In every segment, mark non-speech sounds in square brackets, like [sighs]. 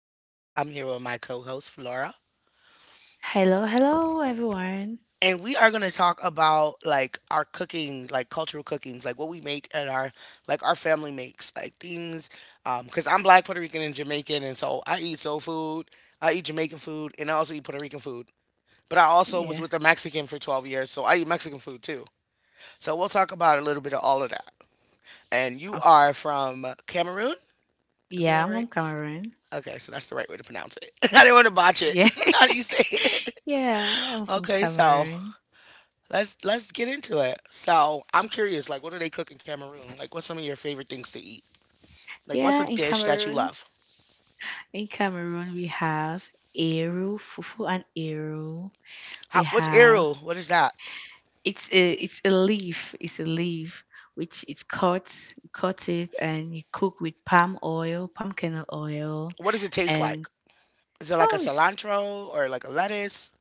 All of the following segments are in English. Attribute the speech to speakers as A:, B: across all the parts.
A: Welcome back. I'm here with my co-host Flora,
B: Hello, hello, everyone.
A: and we are going to talk about like our cooking, like cultural cookings, like what we make and our like our family makes, like things. Because I'm Black, Puerto Rican, and Jamaican, and so I eat soul food. I eat Jamaican food, and I also eat Puerto Rican food. But I also was
B: Yeah.
A: with a Mexican for 12 years, so I eat Mexican food too. So we'll talk about a little bit of all of that. And you
B: Oh,
A: are from Cameroon? Did I say
B: yeah,
A: that
B: I'm from
A: right?
B: Cameroon.
A: Okay, so that's the right way to pronounce it. [laughs] I didn't want to botch it.
B: Yeah.
A: [laughs] How do you say
B: [laughs]
A: it? [laughs]
B: yeah, I'm from
A: Okay, so
B: Cameroon.
A: let's get into it. So I'm curious, like, what do they cook in Cameroon? Like, what's some of your favorite things to eat? Like, what's a
B: Yeah, in
A: dish that you
B: Cameroon.
A: love?
B: In Cameroon, we have Eru, Fufu, and Eru. We
A: How, what's
B: have
A: arrow? What is that?
B: it's a leaf. It's a leaf which it's cut, you cut it, and you cook with palm oil, palm kernel oil,
A: What does it taste
B: and
A: like? Is it like a
B: oh, it's
A: cilantro or like a lettuce?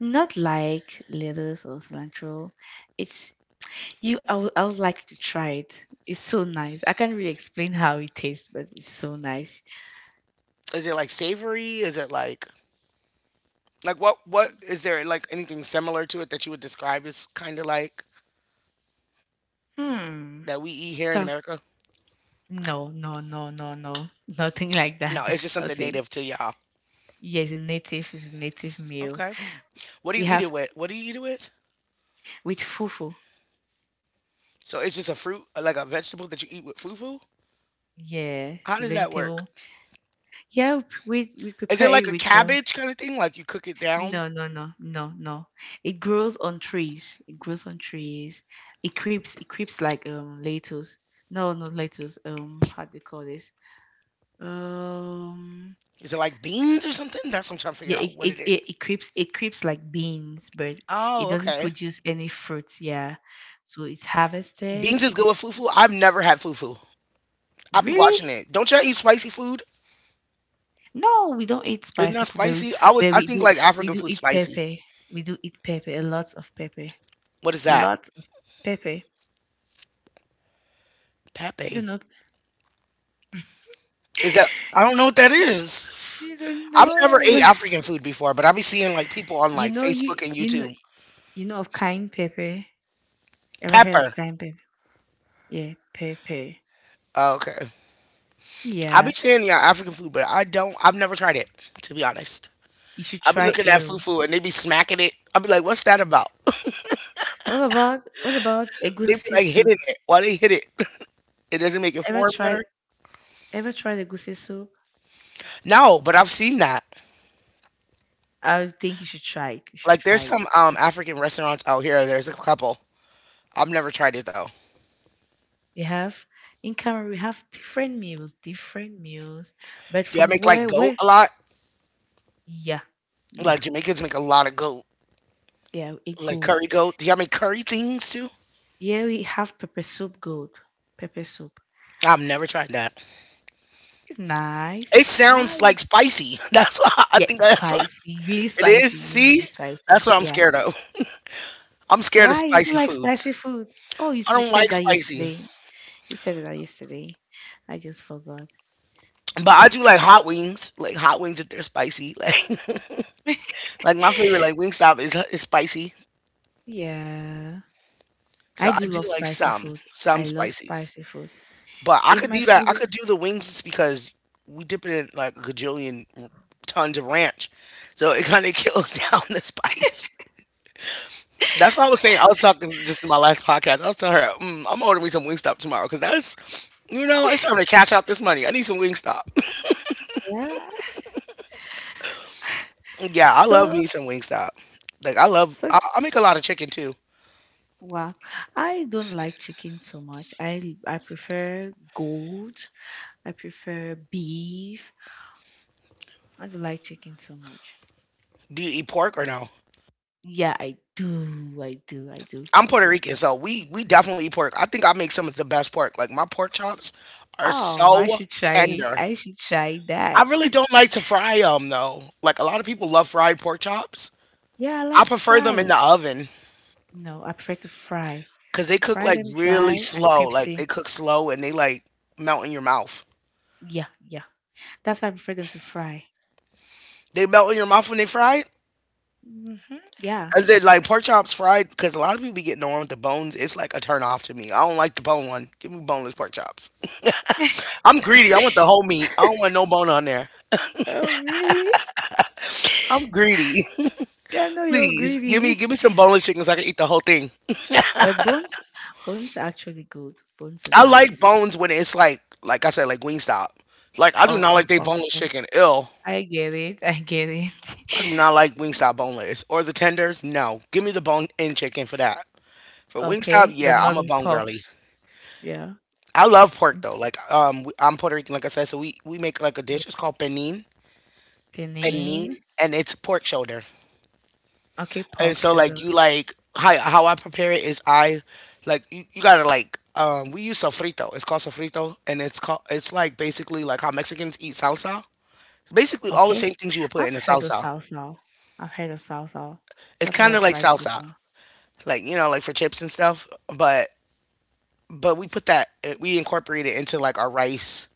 B: not like lettuce or cilantro. It's I would like to try it. It's so nice. I can't really explain how it tastes, but it's so nice.
A: Is it like savory? Is it like what is there like anything similar to it that you would describe as kind of like
B: Hmm.
A: that we eat here in
B: So,
A: America?
B: no, no, no, no, no, [laughs] nothing like that.
A: No, it's just
B: [laughs]
A: something
B: Nothing.
A: native to y'all.
B: Yes, a native is a native meal.
A: Okay. What do
B: We
A: you eat
B: have
A: it with? What do you eat it with?
B: with fufu.
A: So it's just a fruit, like a vegetable that you eat with fufu?
B: Yeah, it's
A: How
B: a
A: does that work?
B: vegetable. Yeah, we
A: Is
B: prepare
A: it
B: it
A: like a
B: with the.
A: cabbage kind of thing? Like you cook it down?
B: No, no, no, no, no. It grows on trees. It grows on trees. It creeps. It creeps like lettuce. No, not lettuce. How do you call this? Um,
A: Is it like beans or something? That's what I'm trying to
B: yeah,
A: figure
B: it,
A: out what
B: it,
A: it is.
B: it, it creeps like beans, but it
A: Oh,
B: doesn't
A: okay.
B: produce any fruits. Yeah, so it's harvested.
A: Beans is good with fufu. I've never had fufu. I'll be watching
B: Really?
A: it. Don't y'all eat spicy food?
B: No, we don't eat
A: It's
B: spicy
A: not
B: food, but
A: spicy. I would.
B: but
A: I
B: we
A: think
B: do
A: like
B: we
A: African
B: do
A: food
B: eat
A: spicy.
B: pepper. We do eat pepper, a lot of pepper,
A: What is that?
B: lots of pepper. Do
A: Pepe.
B: not
A: Is that? I
B: [laughs]
A: don't know what that is.
B: you don't
A: I've never ate
B: know. [laughs]
A: African food before, but I be seeing like people on
B: You
A: like
B: know
A: Facebook
B: you
A: and
B: you know
A: YouTube.
B: you know of cayenne pepper. Ever heard of
A: Pepper.
B: cayenne pepper? Yeah, pepper.
A: Oh, okay. I be
B: Yeah,
A: seeing you African food, but I don't. I've never tried it to be honest.
B: you should
A: I be
B: try
A: looking at
B: arrow.
A: fufu and they be smacking it. I be like, what's that about? [laughs]
B: What about
A: They be
B: egusi
A: like
B: soup?
A: hitting it. Why they hit it? [laughs] It doesn't make it
B: Ever
A: foreign
B: tried
A: better.
B: ever tried egusi soup?
A: No, but I've seen that.
B: I think you should try it. You should
A: Like there's
B: try it.
A: some
B: It's,
A: African restaurants out here. There's a couple. I've never tried it though.
B: we have in Cameroon we have different meals, different meals. But
A: Do y'all
B: from
A: make like
B: where
A: goat
B: where
A: a lot?
B: yeah, yeah,
A: Like Jamaicans make a lot of goat,
B: yeah, it
A: like
B: good.
A: curry goat. Do y'all make curry things too?
B: Yeah, we have pepper soup good. Pepper soup.
A: I've never tried that.
B: It's nice.
A: It
B: It's
A: sounds
B: nice.
A: like spicy. [laughs] That's why I
B: Yeah,
A: think
B: it's
A: that's what it is.
B: spicy, really,
A: See,
B: really
A: that's
B: spicy.
A: what I'm
B: Yeah.
A: scared of. I'm scared of
B: Why you don't
A: spicy
B: like
A: foods.
B: spicy food? Oh,
A: I
B: you
A: don't
B: said
A: like
B: that
A: spicy,
B: yesterday. You said that yesterday. I just forgot.
A: but I do like hot wings. Like hot wings if they're spicy. [laughs] Like my favorite like
B: [laughs]
A: Wingstop is spicy.
B: yeah,
A: So
B: I
A: I
B: do
A: do
B: love
A: like
B: spicy
A: some
B: food.
A: some
B: I love
A: spices,
B: spicy food.
A: but I
B: If
A: could
B: my
A: do that.
B: food
A: I could
B: is
A: do the wings just because we dip it in like a gajillion tons of ranch, so it kind of [laughs] kills down the spice. That's what I was saying. I was talking just in my last podcast. I was telling her, mm, I'm ordering me some Wingstop tomorrow because that's, it's time to cash out this money. I need some Wingstop.
B: yeah,
A: Yeah, I love
B: so
A: me some Wingstop. Like I love,
B: so
A: I make a lot of chicken too.
B: wow, I don't like chicken too much. I prefer goat. I prefer beef. I don't like chicken too much.
A: Do you eat pork or no?
B: Yeah, I do. I do. I do.
A: I'm
B: I
A: Puerto
B: do.
A: Rican, so we definitely eat pork. I think I make some of the best pork. Like my pork chops are
B: Oh, I
A: so
B: should try it.
A: tender.
B: I should try
A: I
B: that.
A: really
B: [laughs]
A: don't like to fry them though. Like a lot of people love fried pork chops.
B: Yeah, I
A: I
B: like to
A: prefer them in
B: fry.
A: the oven
B: No, I prefer to fry.
A: because they cook
B: Fry
A: like
B: them
A: really
B: dry and
A: slow. Like they
B: crispy.
A: cook slow and they like melt in your mouth.
B: Yeah, yeah. That's how I prefer them to fry.
A: They melt in your mouth when they fried.
B: Hmm Yeah.
A: And then, like pork chops fried, because a lot of people be getting the one with the bones. It's like a turn off to me. I don't like the bone one. Give me boneless pork chops.
B: [laughs]
A: I'm greedy. I want the whole meat. I don't want no bone on there.
B: Oh, really?
A: I'm
B: [laughs]
A: greedy.
B: Yeah, no,
A: [laughs]
B: you're
A: Please give me
B: greedy.
A: give me some boneless chicken so I can eat the whole thing.
B: But bones, bones are actually good. Bones are
A: I like
B: nice.
A: bones when it's like I said like Wingstop. Like I do
B: Oh,
A: not
B: oh,
A: like they
B: oh,
A: boneless
B: oh.
A: chicken. Ill.
B: I get it. [laughs] I get it.
A: I do
B: [laughs]
A: not like
B: Yeah.
A: Wingstop boneless or the tenders. No, give me the bone in chicken for that. For Wingstop,
B: Okay, but
A: yeah, I'm
B: not
A: a
B: in
A: bone
B: pork.
A: girly.
B: Yeah.
A: I love pork
B: Mm,
A: though. Like I'm Puerto Rican, like I said, so we make like a
B: yeah.
A: dish. It's called penin,
B: Penang.
A: penin, and it's pork shoulder.
B: Okay,
A: And
B: pork
A: so
B: shoulder.
A: like you like how I prepare it is I like you gotta like we use sofrito. It's called sofrito, and it's called it's like basically like how Mexicans eat salsa. Basically all the same
B: Okay.
A: things you would put
B: I've
A: in a
B: heard of
A: salsa.
B: salsa. I've heard of salsa.
A: It's
B: I've
A: kind
B: never
A: of like
B: tried it
A: salsa,
B: before.
A: like you know, like for chips and stuff. But we put that we incorporate it into like our rice.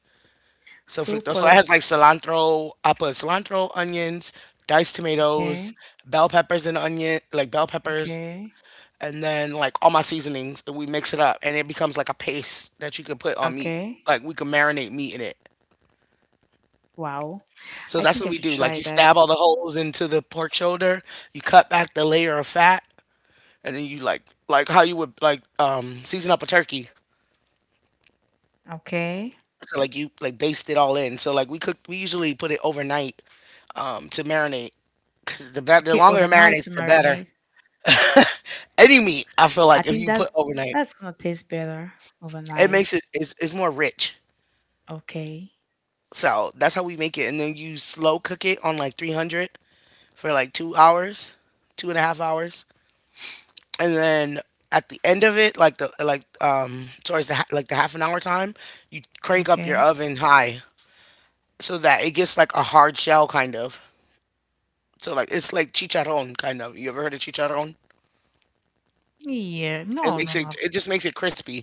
A: Sofrito. So it
B: Super.
A: has like cilantro. I put cilantro, onions, diced tomatoes,
B: Okay,
A: bell peppers and onion, like bell peppers,
B: okay,
A: and then like all my seasonings. And we mix it up, and it becomes like a paste that you can put on meat.
B: okay.
A: Like we can marinate meat in it.
B: Wow.
A: So
B: I
A: that's
B: think I
A: what we
B: should
A: do.
B: try
A: Like you
B: that.
A: stab all the holes into the pork shoulder, you cut back the layer of fat, and then you like how you would like season up a turkey.
B: Okay.
A: So like you like baste it all in. So like we usually put it overnight to marinate because the better, the
B: Okay,
A: longer it
B: overnight to
A: marinates, the better.
B: marinate.
A: Any meat, I feel
B: I
A: like if
B: think
A: you
B: that's
A: put overnight,
B: that's gonna taste better
A: it
B: overnight.
A: makes it's more rich.
B: Okay.
A: So that's how we make it, and then you slow cook it on like 300 for like 2 hours, two and a half hours, and then at the end of it, like the like towards the like the half an hour time, you crank up your
B: Okay.
A: oven high so that it gets like a hard shell kind of. So like it's like chicharron kind of. You ever heard of chicharron?
B: Yeah.
A: It
B: No, no,
A: makes
B: no.
A: it just makes it crispy,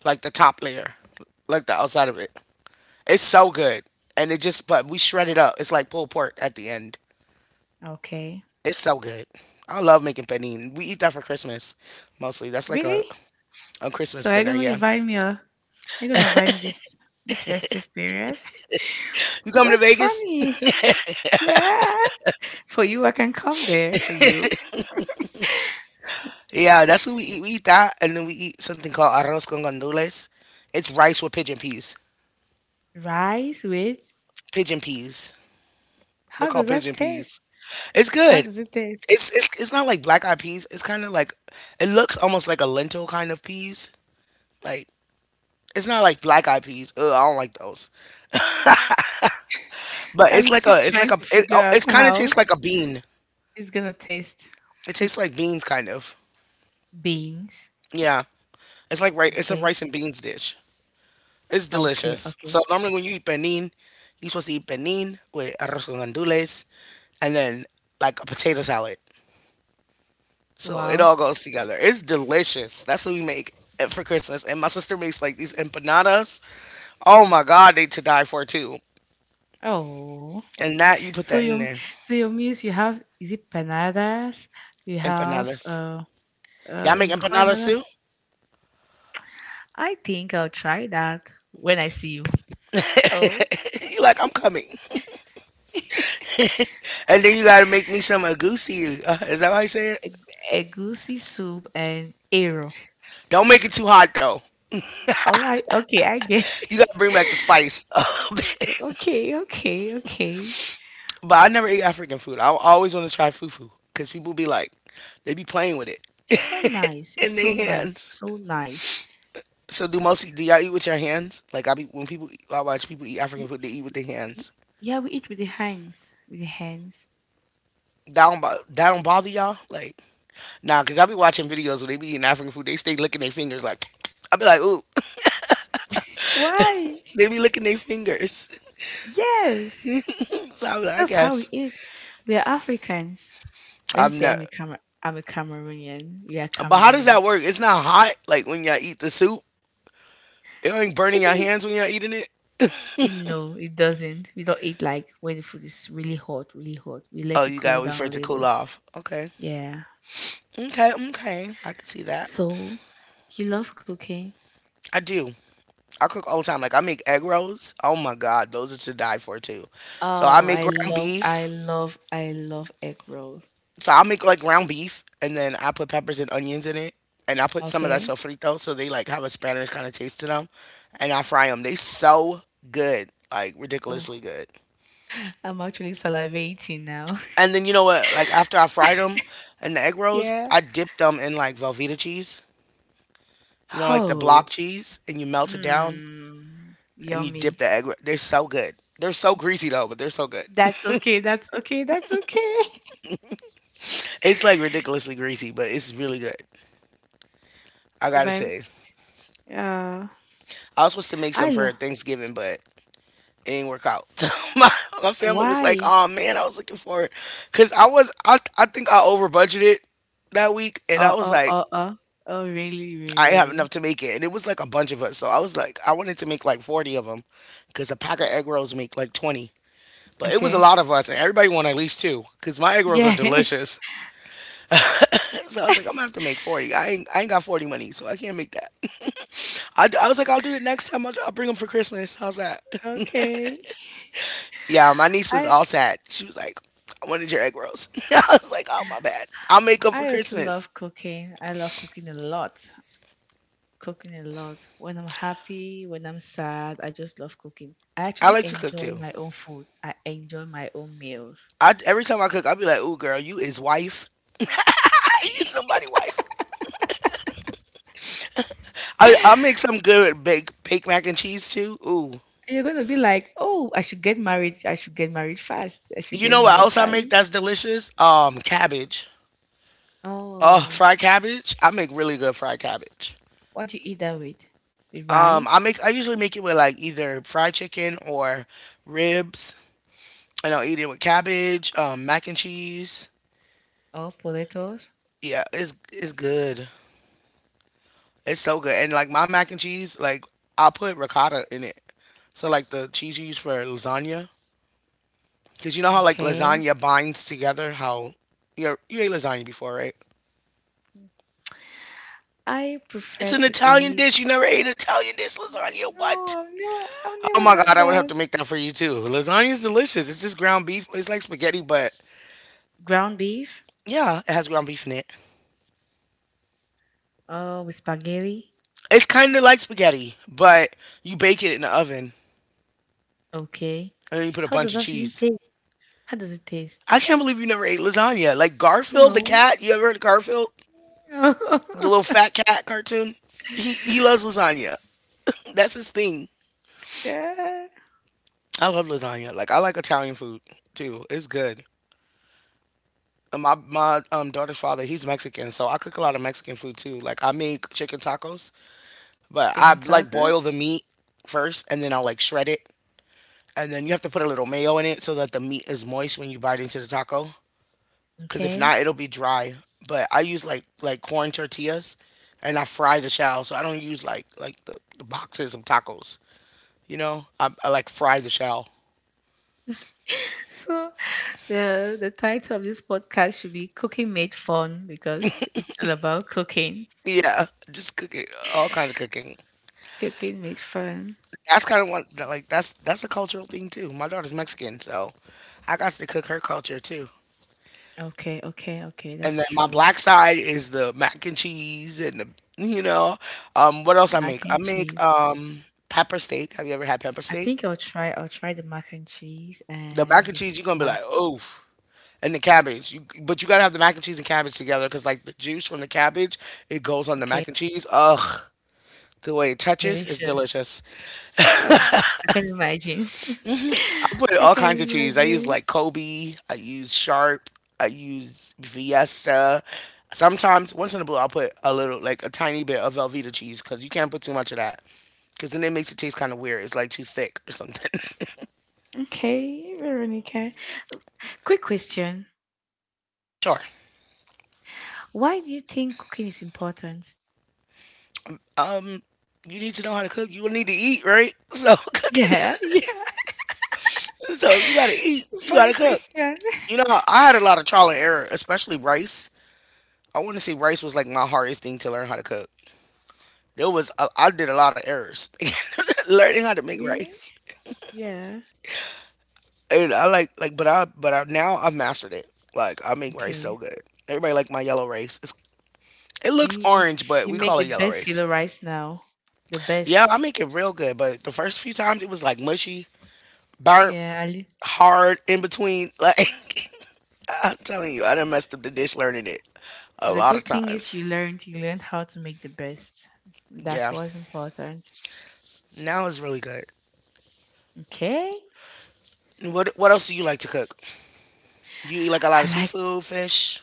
A: like the top layer, like the outside of it. It's so good, and it just but we shred it up. It's like pulled pork at the end.
B: Okay.
A: It's so good. I love making panini. We eat that for Christmas mostly. That's like
B: Really?
A: a Christmas
B: So are you
A: dinner.
B: gonna
A: Yeah,
B: invite me are you gonna invite me this festive period?
A: you
B: [laughs]
A: coming to
B: What's
A: Vegas?
B: funny? Yeah. For you, I can come there for you.
A: Yeah, that's what we eat. We eat that, and then we eat something called arroz con gandules. It's rice with pigeon peas.
B: Rice with
A: Pigeon peas. They're
B: how does
A: called
B: that
A: pigeon
B: taste?
A: peas. It's
B: How
A: good.
B: does it taste?
A: It's not like black eyed peas. It's kind of like it looks almost like a lentil kind of peas. Like it's not like black eyed peas. Ugh, I don't like those. But
B: I'm still
A: it's like
B: trying
A: a,
B: to
A: it,
B: figure
A: oh,
B: out
A: it kind of
B: how
A: tastes like a bean.
B: it's gonna taste.
A: It tastes
B: [laughs]
A: like beans, kind of.
B: Beans.
A: Yeah, it's like right. It's a
B: Okay.
A: rice and beans dish. It's
B: Okay.
A: delicious. So
B: Okay.
A: normally when you eat benin, you're supposed to eat benin with arroz con gandules, and then like a potato salad. So it
B: Wow.
A: all goes together. It's delicious. That's what we make it for Christmas. And my sister makes like these empanadas. Oh my god, they to die for too.
B: Oh.
A: And that you put
B: So
A: that in
B: your
A: there.
B: so your meals you have is it panadas? You have
A: Empanadas. Y'all make
B: you call
A: empanadas
B: another?
A: too?
B: I think I'll try that when I see you. Oh.
A: [laughs] You like, I'm coming.
B: [laughs]
A: And then you gotta make me some agousi. Is that how you say it?
B: Egusi soup and arrow.
A: Don't make it too hot though.
B: All right. Okay, I get
A: You
B: it. [laughs]
A: gotta bring back the spice. [laughs]
B: Okay, okay, okay.
A: But I never eat African food. I always want to try fufu because people be like, they be playing with it
B: It's so nice.
A: [laughs]
B: It's
A: in their
B: so nice.
A: hands.
B: So nice.
A: So do y'all eat with your hands? Like I be when people eat, I watch people eat African
B: Y-
A: food, they eat with their
B: y-
A: hands.
B: Yeah, we eat with the hands. With the hands.
A: That don't bother y'all? Like nah, cause I be watching videos where they be eating African food, they stay licking their fingers. Like [tsk] I be like, ooh,
B: Why?
A: [laughs] they be licking their fingers. [laughs]
B: Yes.
A: So I be like, I
B: That's how we
A: guess.
B: eat. We are Africans. Let me
A: I'm
B: say
A: not.
B: I'm a Cameroonian. We are
A: But how does that
B: Cameroonians.
A: work? It's not hot like when y'all eat the soup. It ain't burning
B: Even
A: your
B: if
A: hands when y'all eating it.
B: it, no, it doesn't. We don't eat like when the food is really hot, really hot. We let
A: Oh,
B: it
A: you
B: cool
A: gotta wait
B: down
A: for
B: a
A: it to cool
B: little.
A: off. Okay.
B: Yeah.
A: Okay. Okay. I can see that.
B: So you love cooking.
A: I do. I cook all the time. Like I make egg rolls. Oh my god, those are to die for too. So I
B: Oh,
A: make ground beef.
B: I love egg roll.
A: So I make like ground beef, and then I put peppers and onions in it, and I put some of that
B: Okay.
A: sofrito, so they like have a Spanish kind of taste to them, and I fry them. They so good, like
B: Oh,
A: ridiculously good.
B: [laughs] I'm actually salivating now.
A: And then you know
B: [laughs]
A: what? Like after I fried them and the egg rolls,
B: yeah.
A: I dipped them in like Velveeta cheese. You know, like the
B: Oh.
A: block cheese, and you melt it down
B: Mmm.
A: and you dip
B: Yummy.
A: the egg. They're so good. They're so greasy though, but they're so good.
B: That's
A: [laughs]
B: okay. That's okay. That's okay.
A: It's like
B: [laughs]
A: ridiculously greasy, but it's really good. I
B: you
A: gotta
B: might.
A: say,
B: Uh,
A: I was supposed to
B: I
A: make some
B: love.
A: for Thanksgiving, but it didn't work out. [laughs] my my family was like,
B: Why?
A: "Oh man, I was looking for it," cause I think I over budgeted that week, and I
B: Oh,
A: was
B: oh,
A: like,
B: oh, oh. Oh, really, really,
A: I didn't have enough
B: really.
A: to make it, and it was like a bunch of us. So I was like, I wanted to make like 40 of them, because a pack of egg rolls make like 20. But it was a
B: Okay.
A: lot of us, and everybody wanted at least two, because my egg rolls are
B: Yeah.
A: delicious. [laughs] So I was like, I'm gonna have to make 40. I ain't got 40 money, so I can't make that. [laughs] I was like, I'll do it next time. I'll bring them for Christmas. How's that?
B: [laughs]
A: [laughs]
B: okay.
A: Yeah, my niece was
B: I
A: all sad. She was like, I wanted your egg rolls. [laughs] I was like, oh my bad. I'll make them for
B: I also
A: Christmas.
B: love cooking. I love cooking a lot. Cooking a lot. When I'm happy, when I'm sad, I just love cooking. I
A: I
B: actually
A: like to cook
B: enjoy
A: too.
B: my own food. I enjoy my own meals.
A: I Every time I cook, I'll be like, ooh girl, you is wife. [laughs] You somebody wife. I make
B: [laughs]
A: some good baked mac and cheese too. Ooh,
B: You're gonna be like, oh, I should get married. I should get married fast. I should
A: you
B: get
A: know what
B: married
A: else I
B: fast.
A: make that's delicious? Cabbage. Oh,
B: Oh,
A: fried cabbage. I make really good fried cabbage.
B: what do you eat that with? With
A: Um, I
B: rice.
A: make I usually make it with like either fried chicken or ribs, and I'll eat it with cabbage, mac and cheese.
B: Or potatoes.
A: Yeah, it's good. It's so good. And like my mac and cheese, like I put ricotta in it. So like the cheese you use for lasagna, because you know how like
B: Okay.
A: lasagna binds together. How you ate lasagna before, right?
B: I
A: It's
B: prefer
A: an
B: to
A: Italian
B: eat
A: dish. You never ate Italian dish lasagna.
B: no,
A: What?
B: I've
A: Oh
B: never
A: my
B: done
A: god, I would have to
B: that.
A: make that for you too. Lasagna is delicious. It's just ground beef. It's like spaghetti, but
B: Ground beef.
A: yeah, it has ground beef in it.
B: Oh, with spaghetti.
A: It's kind of like spaghetti, but you bake it in the oven
B: Okay.
A: and then you put a
B: How
A: bunch
B: does
A: of
B: that even
A: cheese.
B: taste? How does it taste?
A: I can't believe you never ate lasagna. Like Garfield the
B: No.
A: cat. You ever heard of Garfield? The little
B: [laughs]
A: fat cat cartoon. He loves lasagna. That's his thing.
B: yeah.
A: I love lasagna. Like I like Italian food too. It's good. My daughter's father he's Mexican, so I cook a lot of Mexican food too. Like I make chicken tacos, but
B: Chicken
A: I like
B: tacos.
A: boil the meat first, and then I'll like shred it, and then you have to put a little mayo in it so that the meat is moist when you bite into the taco. Cause if
B: Okay.
A: not, it'll be dry. But I use like corn tortillas, and I fry the shell, so I don't use like the boxes of tacos. You know, I like fry the shell.
B: [laughs] So the title of this podcast should be Cooking Made Fun because it's all about cooking.
A: Yeah, just cook it, all kinds of cooking.
B: Cooking made fun.
A: That's kind of one like that's a cultural thing too. My daughter's Mexican, so I got to cook her culture too.
B: Okay, okay, okay.
A: And
B: That's
A: then my
B: true.
A: black side is the mac and cheese and the you know what else I
B: Mac
A: make? I
B: and
A: make
B: cheese.
A: pepper steak. Have you ever had pepper
B: I
A: steak?
B: think I'll try the mac and cheese
A: The mac
B: and
A: and
B: the
A: cheese you're gonna be
B: ah,
A: like oh. And the cabbage, you, but you gotta have the mac and cheese and cabbage together because like the juice from the cabbage, it goes on the
B: okay.
A: mac and cheese. Ugh, the way it touches is
B: Delicious.
A: delicious.
B: Oh, I can imagine. [laughs]
A: I put
B: I
A: all
B: can
A: kinds of cheese. I use
B: imagine.
A: like Kobe. I use sharp. I use Fiesta. Sometimes, once in a blue, I'll put a little, like a tiny bit of Velveeta cheese because you can't put too much of that because then it makes it taste kind of weird. It's like too thick or something. [laughs]
B: Okay, Veronica. Quick question.
A: Sure.
B: Why do you think cooking is important?
A: Um, you need to know how to cook. You will need to eat, right? So [laughs] cooking
B: Yeah,
A: is
B: [laughs] yeah,
A: so you gotta eat. You
B: funny
A: gotta cook.
B: question.
A: You know, I had a lot of trial and error, especially rice. I want to say rice was like my hardest thing to learn how to cook. I did a lot of errors [laughs] learning how to
B: [laughs]
A: make
B: really?
A: rice,
B: Yeah.
A: and I now I've mastered it. Like I make rice so
B: Okay. I
A: good. Everybody like my yellow rice. It's, it
B: mean,
A: looks
B: you
A: orange, but
B: you
A: we
B: make
A: call
B: the
A: it yellow
B: best
A: rice.
B: yellow rice now. The
A: Yeah, I
B: best.
A: make it real good, but the first few times it was like mushy, burnt,
B: Yeah. Ali-
A: hard in between. [laughs] Like I'm telling you, I done messed up the dish learning it a
B: The
A: lot of
B: good thing is
A: times.
B: you learned how to make the best. That's
A: Yeah,
B: what's important.
A: now it's really good.
B: Okay.
A: What else do you like to cook? You eat like a lot
B: I
A: of
B: like.
A: seafood, fish.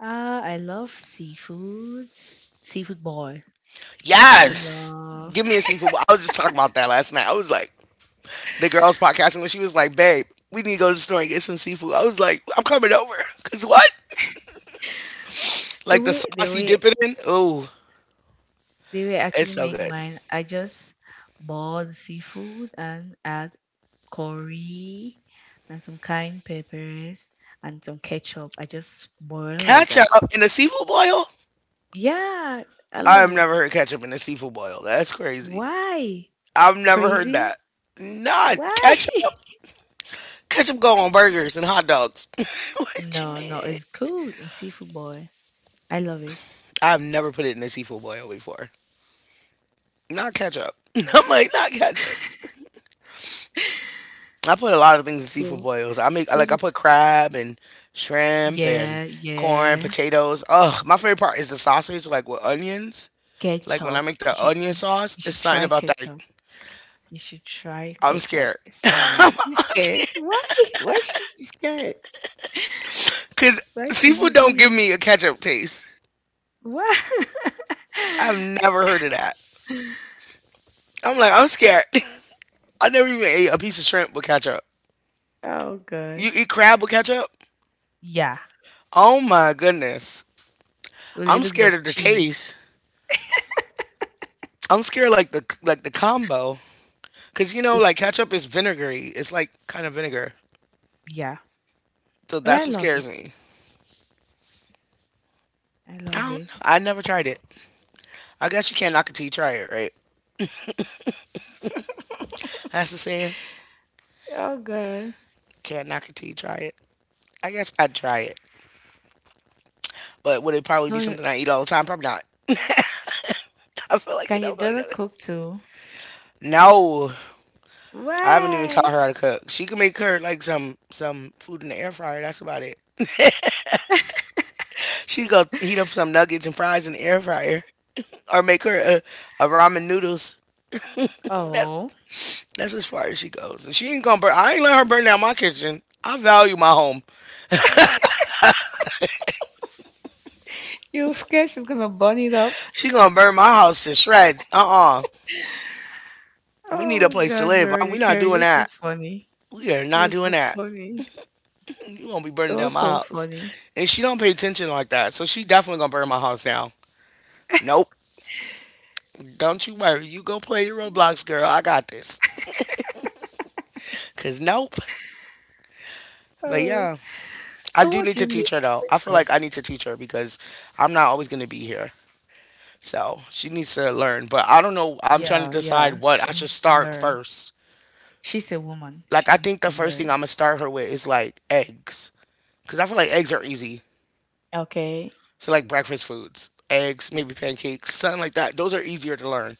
B: I love seafoods. Seafood boil. I
A: Yes.
B: love
A: Give me a seafood bowl. I was just talking about that last night. I was like, the girls podcasting when she was like, babe, we need to go to the store and get some seafood. I was like, I'm coming over. [laughs] Cause what? Like the
B: the
A: sauce you
B: way
A: dip it in? Oh,
B: they will
A: it's
B: actually
A: so
B: make
A: good.
B: mine. I just boil the seafood and add curry and some cayenne peppers and some ketchup. I just boil like
A: Ketchup
B: that.
A: in a seafood boil?
B: Yeah, I
A: I have
B: love it.
A: never heard ketchup in a seafood boil. That's crazy.
B: Why?
A: I've never heard that.
B: Crazy?
A: Not
B: Why?
A: ketchup. Ketchup go on burgers and hot dogs. [laughs]
B: [laughs]
A: What you
B: no, no,
A: mean?
B: it's good in seafood boil. I love it.
A: I've never put it in a seafood boil before. Not ketchup. [laughs] I'm like, not ketchup.
B: [laughs]
A: I put a lot of things in seafood
B: so,
A: boils. I make I
B: so
A: like I
B: for-
A: put crab and shrimp and
B: yeah,
A: corn,
B: yeah.
A: potatoes. Ugh, my favorite part is the sausage, like with onions. Like when I
B: Ketchup.
A: make the onion
B: You
A: sauce,
B: you
A: it's
B: should
A: something
B: try
A: about that.
B: ketchup. You should try
A: I'm
B: ketchup.
A: scared. [laughs]
B: It's so
A: I'm
B: nice. You scared?
A: scared
B: Why? [laughs] Why should you be scared? [laughs]
A: because
B: Why should
A: seafood
B: you
A: don't give
B: be?
A: me a ketchup taste.
B: Why?
A: I've never heard of that.
B: [laughs]
A: I'm like I'm scared. [laughs] I never even ate a piece of shrimp with ketchup.
B: oh god.
A: You eat crab with ketchup?
B: Yeah.
A: Oh my goodness.
B: With a
A: I'm
B: little bit
A: scared
B: of
A: of the
B: cheese.
A: taste. I'm scared like the combo. Cause you know,
B: It's
A: like
B: it's-
A: ketchup is vinegary. It's like kind of vinegar.
B: yeah.
A: So
B: But I
A: that's what
B: love it.
A: scares me.
B: I
A: I
B: love
A: don't
B: it.
A: know. I never tried it. I guess you can't knock a tea, try it, right? That's the saying.
B: [laughs] oh god.
A: Can't knock a tea, try it. I guess I'd try it. But would it probably
B: So
A: be
B: you,
A: something I eat all the time? Probably not. [laughs] I feel like
B: can
A: it
B: your
A: don't go
B: daughter
A: together.
B: cook too?
A: No. I haven't even taught
B: Why?
A: her how to cook. She can make her like some food in the air fryer, that's about it. She go heat up some nuggets and fries in the air fryer. Or make her a ramen noodles. That's
B: Oh.
A: That's as far as she goes. And she ain't gonna burn. I ain't let her burn down my kitchen. I value my home.
B: You scared she's gonna burn it up. [laughs]
A: She gonna burn my house to shreds. Uh. We need a
B: Oh
A: place to
B: God,
A: live. We not
B: Veronica,
A: doing
B: you're so
A: that.
B: funny.
A: We are
B: You're
A: not doing
B: so
A: that.
B: funny.
A: You gonna be burning
B: So,
A: down my
B: so
A: house.
B: funny.
A: And she don't pay attention like that. So she definitely gonna burn my house down. Nope. Don't you worry. You go play your Roblox, girl. I got this. Cause nope. But
B: Oh.
A: yeah, I
B: So
A: do
B: what
A: need
B: do
A: to
B: you make
A: teach her
B: for
A: though. I feel like
B: breakfast?
A: I need to teach her because I'm not always gonna be here. So she needs to learn. But I don't know. I'm trying to
B: Yeah,
A: decide
B: yeah.
A: what
B: She
A: I should
B: needs to
A: start
B: learn.
A: first.
B: She's a woman.
A: Like
B: She
A: I
B: needs
A: think the
B: to
A: first thing
B: learn.
A: I'm gonna start her with is like eggs, cause I feel like eggs are easy.
B: Okay.
A: So like breakfast foods, eggs, maybe pancakes, something like that. Those are easier to learn.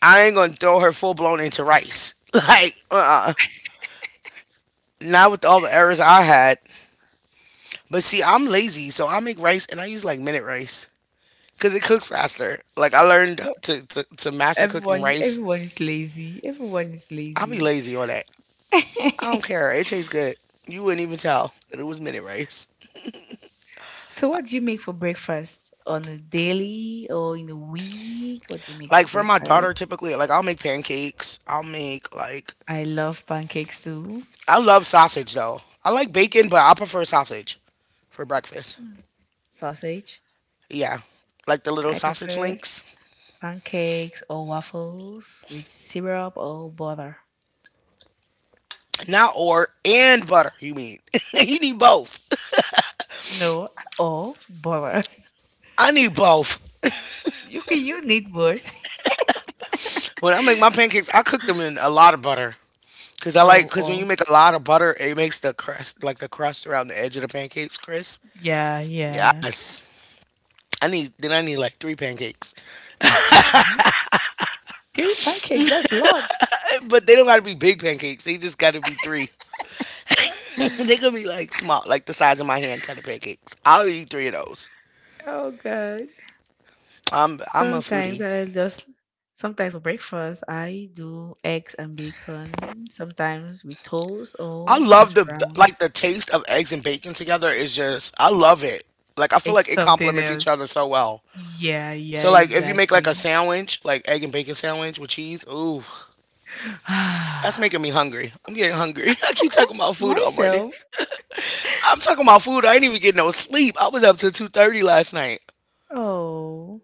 A: I ain't gonna throw her full blown into rice. [laughs] Like, uh, not with all the errors I had. But see, I'm lazy, so I make rice and I use like minute rice because it cooks faster. Like I learned
B: Well,
A: to master cooking
B: Everyone
A: rice.
B: everyone is lazy. Everyone is
A: I'll be
B: lazy.
A: lazy on that. I don't
B: [laughs]
A: care. It tastes good. You wouldn't even tell that it was minute rice.
B: So what do you make for breakfast? On a daily or in a week? What do you make for
A: Like for my daughter,
B: breakfast?
A: typically, like I'll make pancakes. I'll make like
B: I love pancakes too.
A: I love sausage though. I like bacon, but I prefer sausage for breakfast.
B: Mm. Sausage.
A: Yeah, like the little
B: I
A: sausage
B: prefer
A: links.
B: pancakes or waffles with syrup or butter.
A: Not or and butter. You mean [laughs] you need both?
B: No, oh, bummer. [laughs]
A: I need both.
B: You can you need words. [laughs]
A: When I make my pancakes, I cook them in a lot of butter. Cause I like,
B: Oh,
A: cause when you
B: oh,
A: make a lot of butter, it makes the crust, like the crust around the edge of the pancakes, crisp.
B: yeah, yeah.
A: Yes. I need like three pancakes.
B: hmm Three pancakes, that's lots.
A: But they don't gotta be big pancakes. They just gotta be three. [laughs] They could be like small, like the size of my hand kind of pancakes. I'll eat three of those.
B: Oh, God.
A: I'm a
B: Sometimes
A: foodie.
B: I just, sometimes for breakfast, I do eggs and bacon, sometimes with toast
A: I
B: or hash
A: love the like
B: browns.
A: the taste of eggs and bacon together is just I love it. Like I feel
B: It's
A: like it
B: something
A: complements each
B: else.
A: other so well.
B: Yeah, yeah,
A: So like if you make like a
B: exactly.
A: sandwich, like egg and bacon sandwich with cheese, ooh,
B: [laughs] [sighs]
A: that's making me hungry. I'm getting hungry. [laughs] I keep talking about food all morning.
B: Myself,
A: I'm talking about food. I ain't even getting no sleep. I was up till 2:30 last night.
B: oh,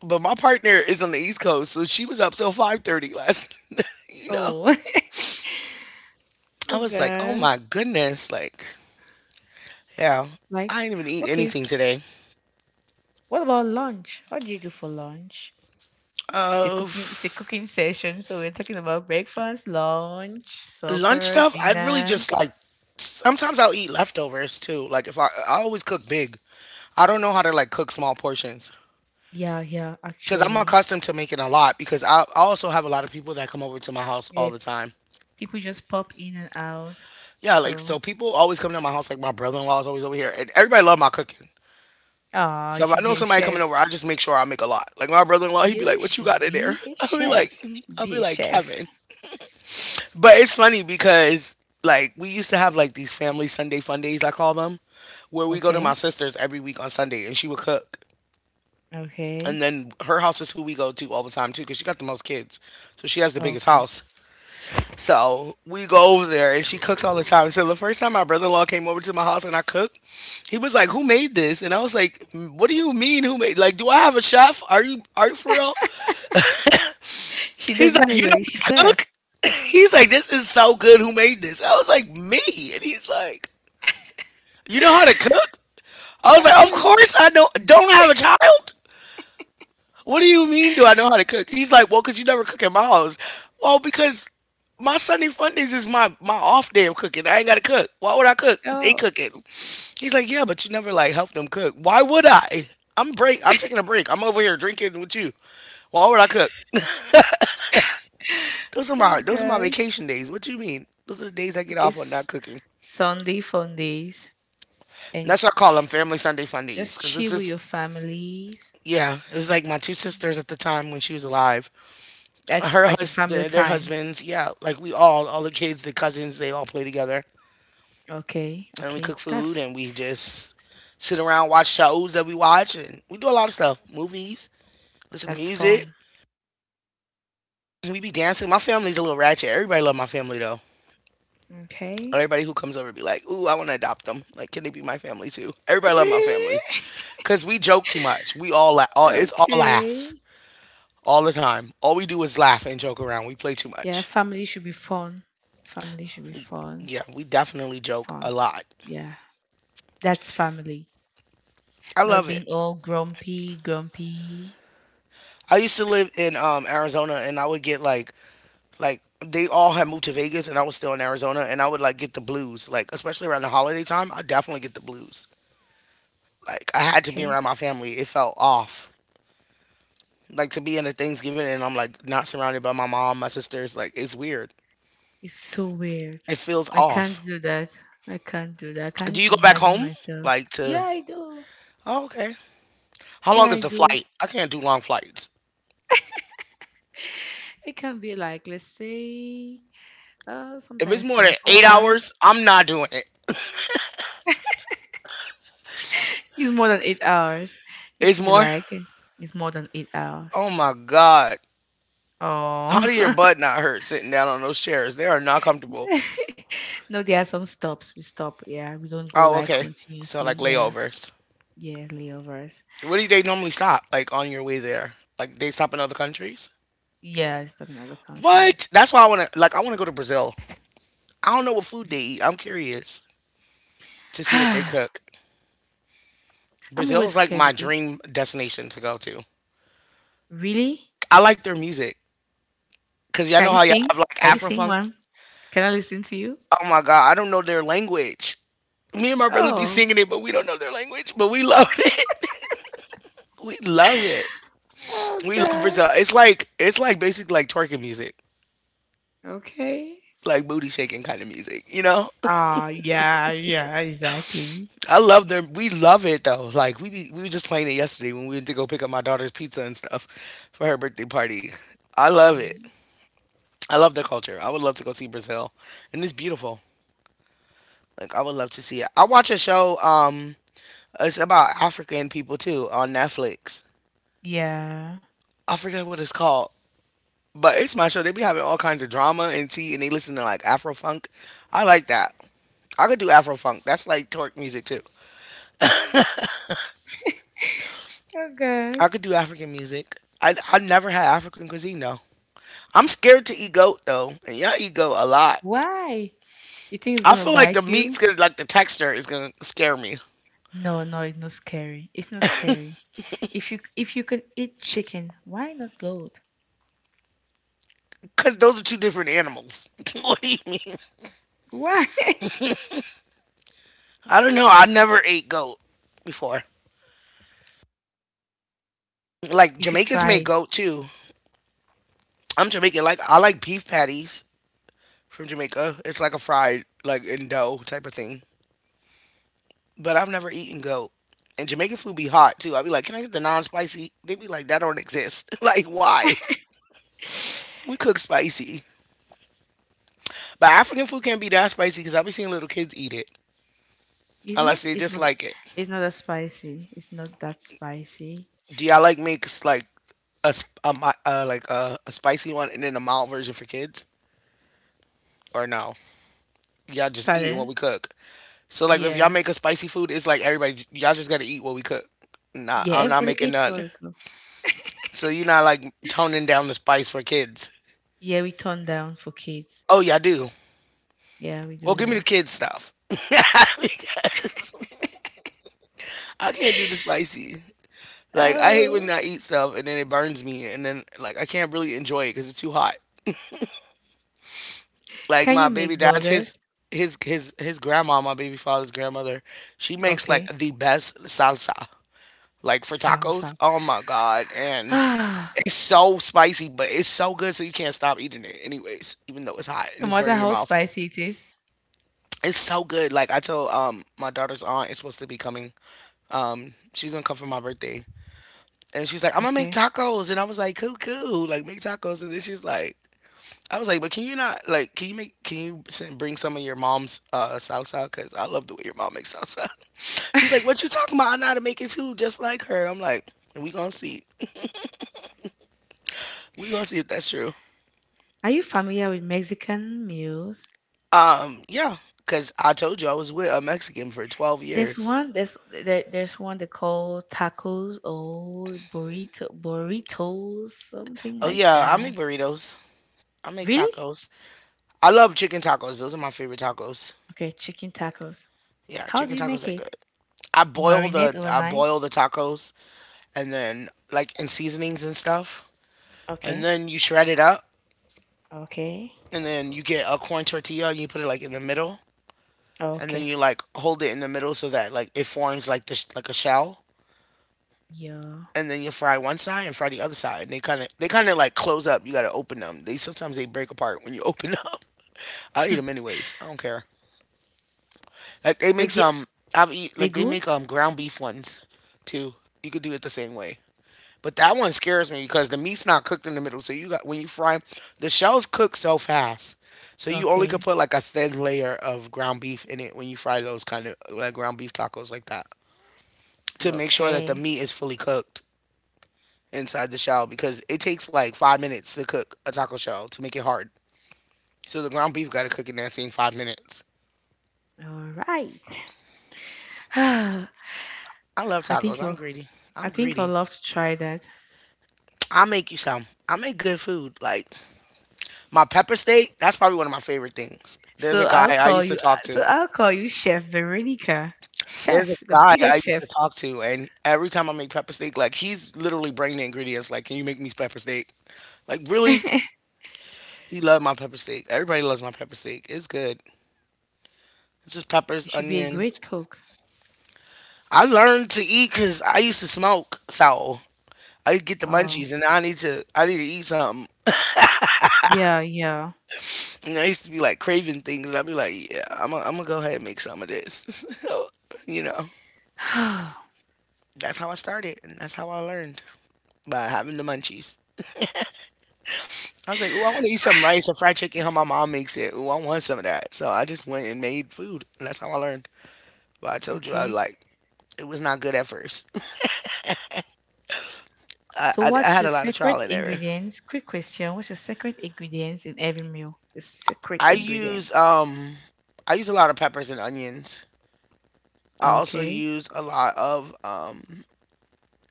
A: But my partner is on the East Coast, so she was up till 5:30 last. [laughs] Night,
B: oh, [laughs] oh,
A: I was like, oh
B: God.
A: my goodness, like yeah,
B: Like,
A: I didn't even eat
B: okay,
A: anything today.
B: what about lunch? What do you do for lunch?
A: Uh,
B: It's a cooking session, so we're talking about breakfast, lunch,
A: Lunch
B: supper,
A: stuff. I really
B: dinner.
A: just like. Sometimes I'll eat leftovers too. Like if I always cook big. I don't know how to like cook small portions
B: Yeah, yeah,
A: because I'm
B: actually.
A: accustomed to making a lot. Because I also have a lot of people that come over to my house all
B: Yeah,
A: the time.
B: people just pop in and out.
A: Yeah, like
B: So
A: so people always come to my house. Like my brother-in-law is always over here, and everybody love my cooking.
B: ah,
A: So
B: you
A: if I
B: should
A: know
B: be a
A: somebody coming
B: chef.
A: over, I just make sure I make a lot. Like my brother-in-law, he'd be
B: You
A: like, "What you got
B: should
A: in there?"
B: be a
A: [laughs]
B: chef. You should
A: "I'll
B: be
A: be
B: a
A: like
B: chef.
A: Kevin." But it's funny because like we used to have like these family Sunday fun days, I call them, where we go to my
B: Okay.
A: sister's every week on Sunday, and she would cook. And
B: Okay.
A: then her house is who we go to all the time too, because she got the most kids, so she has the biggest
B: Okay.
A: house. So we go over there and she cooks all the time. So the first time my brother in law came over to my house and I cooked, he was like, who
B: hmm [laughs]
A: made this? And I was like, what do you mean who made like do I have a chef? Are you for real?
B: She
A: He's
B: doesn't
A: like,
B: know
A: you
B: you're a
A: know how to
B: chef.
A: cook? [laughs] He's like, this is so good, who made this? I was like, me and he's like, you know how to
B: [laughs]
A: cook? I was like, of
B: oh
A: course I know don't I have a child? What do you mean? Do I know how to cook? He's like, well, because you never cook at my house. Well, because my Sunday Fundays is my off day of cooking. I ain't gotta cook. Why would I cook? They
B: no.
A: cooking. He's like, yeah, but you never like help them cook. Why would I? I'm break. I'm taking a break. I'm over here drinking with you. Why would I cook? Those are
B: Oh
A: my those are my
B: god.
A: vacation days. What you mean? Those are the days I get
B: Okay.
A: off on not cooking.
B: Sunday fun days.
A: That's what I call them family Sunday Fundays
B: Just
A: because it's
B: chill with
A: just
B: your families.
A: yeah. It was like my two sisters at the time when she was alive.
B: That's
A: Her
B: like a
A: husband, their
B: family
A: their
B: time.
A: husbands, yeah, like we all the kids, the cousins, they all play together,
B: Okay,
A: and we
B: okay.
A: cook food and we just sit around, watch shows that we watch, and we do a lot of stuff, movies, listen to
B: That's
A: music,
B: fun.
A: we be dancing. My family's a little ratchet. Everybody love my family though.
B: Okay.
A: Everybody who comes over be like, "Ooh, I want to adopt them. Like, can they be my family too?" Everybody love my
B: Really?
A: family
B: [laughs]
A: because we joke too much. We all, la- all it's all
B: Okay.
A: laughs all the time. All we do is laugh and joke around. We play too
B: Yeah,
A: much.
B: family should be fun. Family should be fun.
A: Yeah, we definitely joke
B: Fun.
A: a lot.
B: Yeah. That's family.
A: I
B: Not
A: love
B: being
A: it.
B: all grumpy, grumpy.
A: I used to live in Arizona and I would get like they all had moved to Vegas and I was still in Arizona and I would like get the blues. Like especially around the holiday time, I definitely get the blues. Like I had to be
B: Okay.
A: around my family. It felt off. Like to be in a Thanksgiving and I'm like not surrounded by my mom, my sisters, like it's weird.
B: It's so weird.
A: It feels
B: I can't
A: off.
B: do that. I can't do that. I
A: Do
B: can't
A: you go back
B: imagine
A: home?
B: myself.
A: Like
B: Yeah,
A: to
B: I do.
A: oh, okay. How
B: Yeah,
A: long is
B: I
A: the
B: do.
A: flight? I can't do long flights.
B: [laughs] It can be like, let's say,
A: If it's
B: sometimes
A: more than
B: 24
A: eight
B: hours.
A: hours, I'm not doing it.
B: It's more than 8 hours. It
A: It's
B: should be
A: more.
B: like, eh, it's more than 8 hours.
A: Oh my god. How
B: Oh.
A: do your butt not hurt sitting down on those chairs? They are not comfortable.
B: [laughs] no, there are some stops. We stop. Yeah. We don't go
A: Oh,
B: like
A: okay. So
B: continuously.
A: like
B: Yeah.
A: layovers.
B: Yeah. Layovers.
A: Where do they normally stop? Like on your way there? Like they stop in other countries?
B: Yeah. it's stop in other countries.
A: What? That's why I wanna like I wanna go to Brazil. I don't know what food they eat. I'm curious to
B: [sighs]
A: see what they
B: I'm
A: cook. Brazil is
B: always
A: like my
B: scared. It
A: dream destination to go to.
B: really?
A: I like their music. Cause y'all know
B: Can you
A: how y'all have
B: sing?
A: like
B: Can you
A: Afro
B: sing
A: funk.
B: one? Can I listen to you?
A: Oh my god, I don't know their language. Me and my brother be
B: Oh.
A: singing it, but we don't know their language, but we love [laughs] it. We love it.
B: [laughs] oh
A: We love
B: God.
A: Brazil. It's like basically like twerking music,
B: Okay.
A: like booty shaking kind of music.
B: Oh, yeah, yeah, exactly.
A: I love them. We love it though. Like we be, we were just playing it yesterday when we went to go pick up my daughter's pizza and stuff for her birthday party. I love it.
B: Mm,
A: I love their culture. I would love to go see Brazil, and it's beautiful. Like I would love to see it. I watch a show. It's about African people too on Netflix.
B: yeah.
A: I forget what it's called. But it's my show. They be having all kinds of drama and tea, and they listen to like Afro funk. I like that. I could do Afro funk. That's like torque music too.
B: Okay.
A: I could do African music. I never had African cuisine though. I'm scared to eat goat though, and y'all eat goat a lot.
B: Why? You think it's
A: I
B: gonna
A: feel like the
B: bite
A: meat's
B: you?
A: gonna like the texture is gonna scare me
B: No, no, it's not scary. It's not scary. If you can eat chicken, why not goat?
A: because those are two different animals. [laughs] What do you mean?
B: Why? [laughs]
A: I don't know. I never ate goat before. Like
B: You should
A: Jamaicans
B: try
A: make
B: it.
A: goat too. I'm Jamaican. Like I like beef patties. From Jamaica. It's like a fried, like in dough type of thing. But I've never eaten goat. And Jamaican food be hot too. I'd be like, can I get the non spicy? They be like, that don't exist. [laughs] Like, why? We cook spicy. But African food can't be that spicy because I be seeing little kids eat it
B: It's
A: unless
B: not
A: they
B: it's
A: just
B: not
A: like it.
B: it's not that spicy. It's not that spicy.
A: Do y'all like mix like a, sp- a mi- like a spicy one and then a mild version for kids or no? Y'all just eating
B: Pardon?
A: what we cook. So like if y'all
B: Yeah.
A: make a spicy food, it's like everybody y'all just gotta eat what we cook. Nah,
B: Yeah,
A: I'm not
B: everybody
A: making
B: eats what
A: none.
B: we cook.
A: So you're not like toning down the spice for kids.
B: Yeah, we turn down for kids.
A: Oh yeah, I do.
B: Yeah, we
A: Well,
B: do
A: give me the
B: that.
A: kids stuff [laughs] because I can't do the
B: [laughs]
A: spicy. Like I hate when
B: Oh.
A: I eat stuff and then it burns me, and then like I can't really enjoy it because it's too hot. Like
B: Can you
A: my baby
B: make
A: dad's
B: burgers?
A: his his grandma, my baby father's grandmother. She makes like
B: Okay.
A: the best salsa, like for tacos.
B: Salsa.
A: Oh my god, and
B: Ah,
A: it's so spicy, but it's so good, so you can't stop eating it. Anyways, even though it's hot and
B: no
A: it's
B: matter
A: burning your
B: how [sighs]
A: mouth.
B: spicy it is.
A: It's so good. Like I told my daughter's aunt is supposed to be coming. She's gonna come for my birthday. And she's like, I'm gonna make
B: Okay.
A: tacos and I was like, cool, cool, like make tacos and then she's like I was like, but can you not like can you make can you bring some of your mom's salsa? Cause I love the way your mom makes salsa. [laughs] She's
B: [laughs]
A: like, what you talking about? I know how to make it too, just like her. I'm like, we gonna see if that's true.
B: Are you familiar with Mexican meals?
A: Yeah, cause I told you I was with a Mexican for 12
B: There's
A: years.
B: one. There's one they call tacos or burrito burritos, something
A: Oh
B: like
A: yeah, I
B: that.
A: make burritos. I make
B: Really?
A: tacos. I love chicken tacos. Those are my favorite tacos.
B: Okay, chicken tacos.
A: Yeah,
B: How do
A: chicken
B: you make
A: tacos are
B: it?
A: good. I
B: You
A: boil
B: marinate
A: the I
B: overnight.
A: boil the tacos and then like in seasonings and stuff. And
B: Okay.
A: then you shred it up
B: Okay.
A: and then you get a corn tortilla and you put it like in the middle and then
B: Okay.
A: you like hold it in the middle so that like it forms like the like a shell,
B: Yeah.
A: and then you fry one side and fry the other side, and they kind of like close up. You got to open them. They sometimes they break apart when you open them. [laughs] I eat them
B: [laughs]
A: anyways. I don't care. Like they make
B: But
A: some I've eat
B: they
A: like they
B: good?
A: make ground beef ones too. You could do it the same way. But that one scares me because the meat's not cooked in the middle. So you got when you fry 'em, the shells cook so fast. So you only could
B: Okay.
A: put like a thin layer of ground beef in it when you fry those kind of like ground beef tacos like that to make sure that the
B: Okay.
A: meat is fully cooked inside the shell, because it takes like 5 minutes to cook a taco shell to make it hard. So the ground beef got to cook in that same 5 minutes.
B: All right. [sighs] I
A: I love tacos.
B: think
A: I'm
B: I'll,
A: greedy.
B: I
A: I'm
B: think I'll
A: greedy.
B: love to try that.
A: I'll make you some. I make good food. Like my pepper steak, that's probably one of my favorite things. There's a guy I used to talk
B: So
A: to.
B: I'll call you Chef Veronica,
A: There's a
B: Chef, the
A: guy I
B: biggest
A: used
B: chef.
A: to talk to, and every time I make pepper steak, like he's literally bringing the ingredients. Like, can you make me pepper steak? Like,
B: [laughs]
A: really?
B: You
A: He loved my pepper steak. Everybody loves my pepper steak. It's good. It's just peppers,
B: should be a great
A: onions.
B: cook.
A: I learned to eat because I used to smoke, so I get the
B: Oh,
A: munchies, and I need to eat something.
B: yeah, yeah.
A: And I used to be like craving things, and I'd be like, yeah, I'm gonna go ahead and make some of this. [laughs] you know,
B: [sighs]
A: that's how I started, and that's how I learned by having the munchies. I was like, ooh, I want to eat some rice or fried chicken, how my mom makes it. Ooh, I want some of that. So I just went and made food, and that's how I learned. But I told you, I
B: Okay.
A: like, it was not good at first. [laughs] I,
B: So
A: I, I
B: what's
A: had
B: your
A: a lot of
B: secret
A: trial and error.
B: ingredients? Quick question. What's your secret ingredients in every meal? The secret
A: I use,
B: ingredients.
A: um, I use a lot of peppers and onions. I also
B: Okay.
A: use a lot of,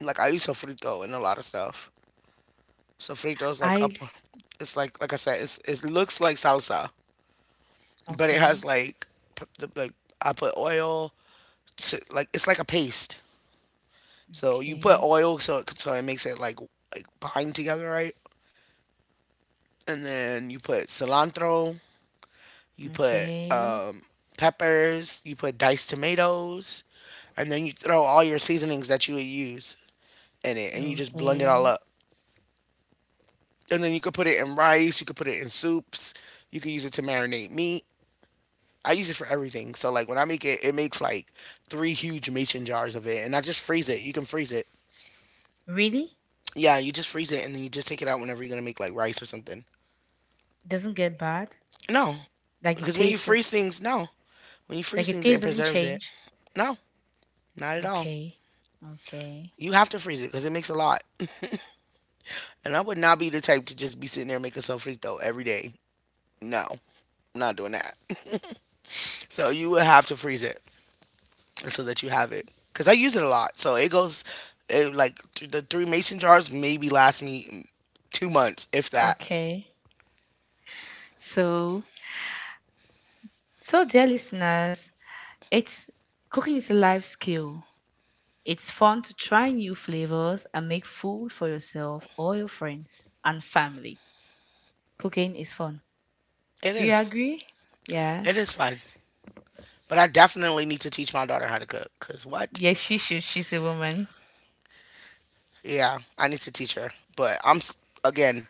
A: like, I use sofrito and a lot of stuff. Sofrito is like
B: I
A: up. It's like I said. It looks like salsa, but it has
B: Okay.
A: like p- the, like I put oil to like it's like a paste. So you put
B: Okay.
A: oil so it makes it like bind together, right? And then you put cilantro. You put
B: Okay.
A: peppers. You put diced tomatoes, and then you throw all your seasonings that you would use in it, and you just blend it all
B: Okay.
A: up. And then you could put it in rice. You could put it in soups. You could use it to marinate meat. I use it for everything. So like when I make it, it makes like three huge mason jars of it, and I just freeze it. You can freeze it.
B: Really?
A: Yeah, you just freeze it, and then you just take it out whenever you're gonna make like rice or something.
B: Doesn't get bad?
A: No,
B: Like it
A: because when you
B: tastes
A: freeze things, no, when you
B: like
A: freeze
B: it
A: things, it
B: tastes doesn't
A: preserves it.
B: change?
A: No, not at all.
B: Okay. Okay.
A: You have to freeze it because it makes a lot. And I would not be the type to just be sitting there making sofrito every day. No, I'm not doing that. [laughs] So you would have to freeze it, so that you have it. Cause I use it a lot, so it goes it, like th- the three mason jars maybe last me 2 months, if that.
B: Okay. So, so, dear listeners, it's cooking is a life skill. It's fun to try new flavors and make food for yourself or your friends and family. Cooking is fun.
A: It
B: Do you
A: is.
B: agree? Yeah.
A: It is fun, but I definitely need to teach my daughter how to cook. Cause what?
B: Yes, she should. She's a woman.
A: Yeah, I need to teach her. But again,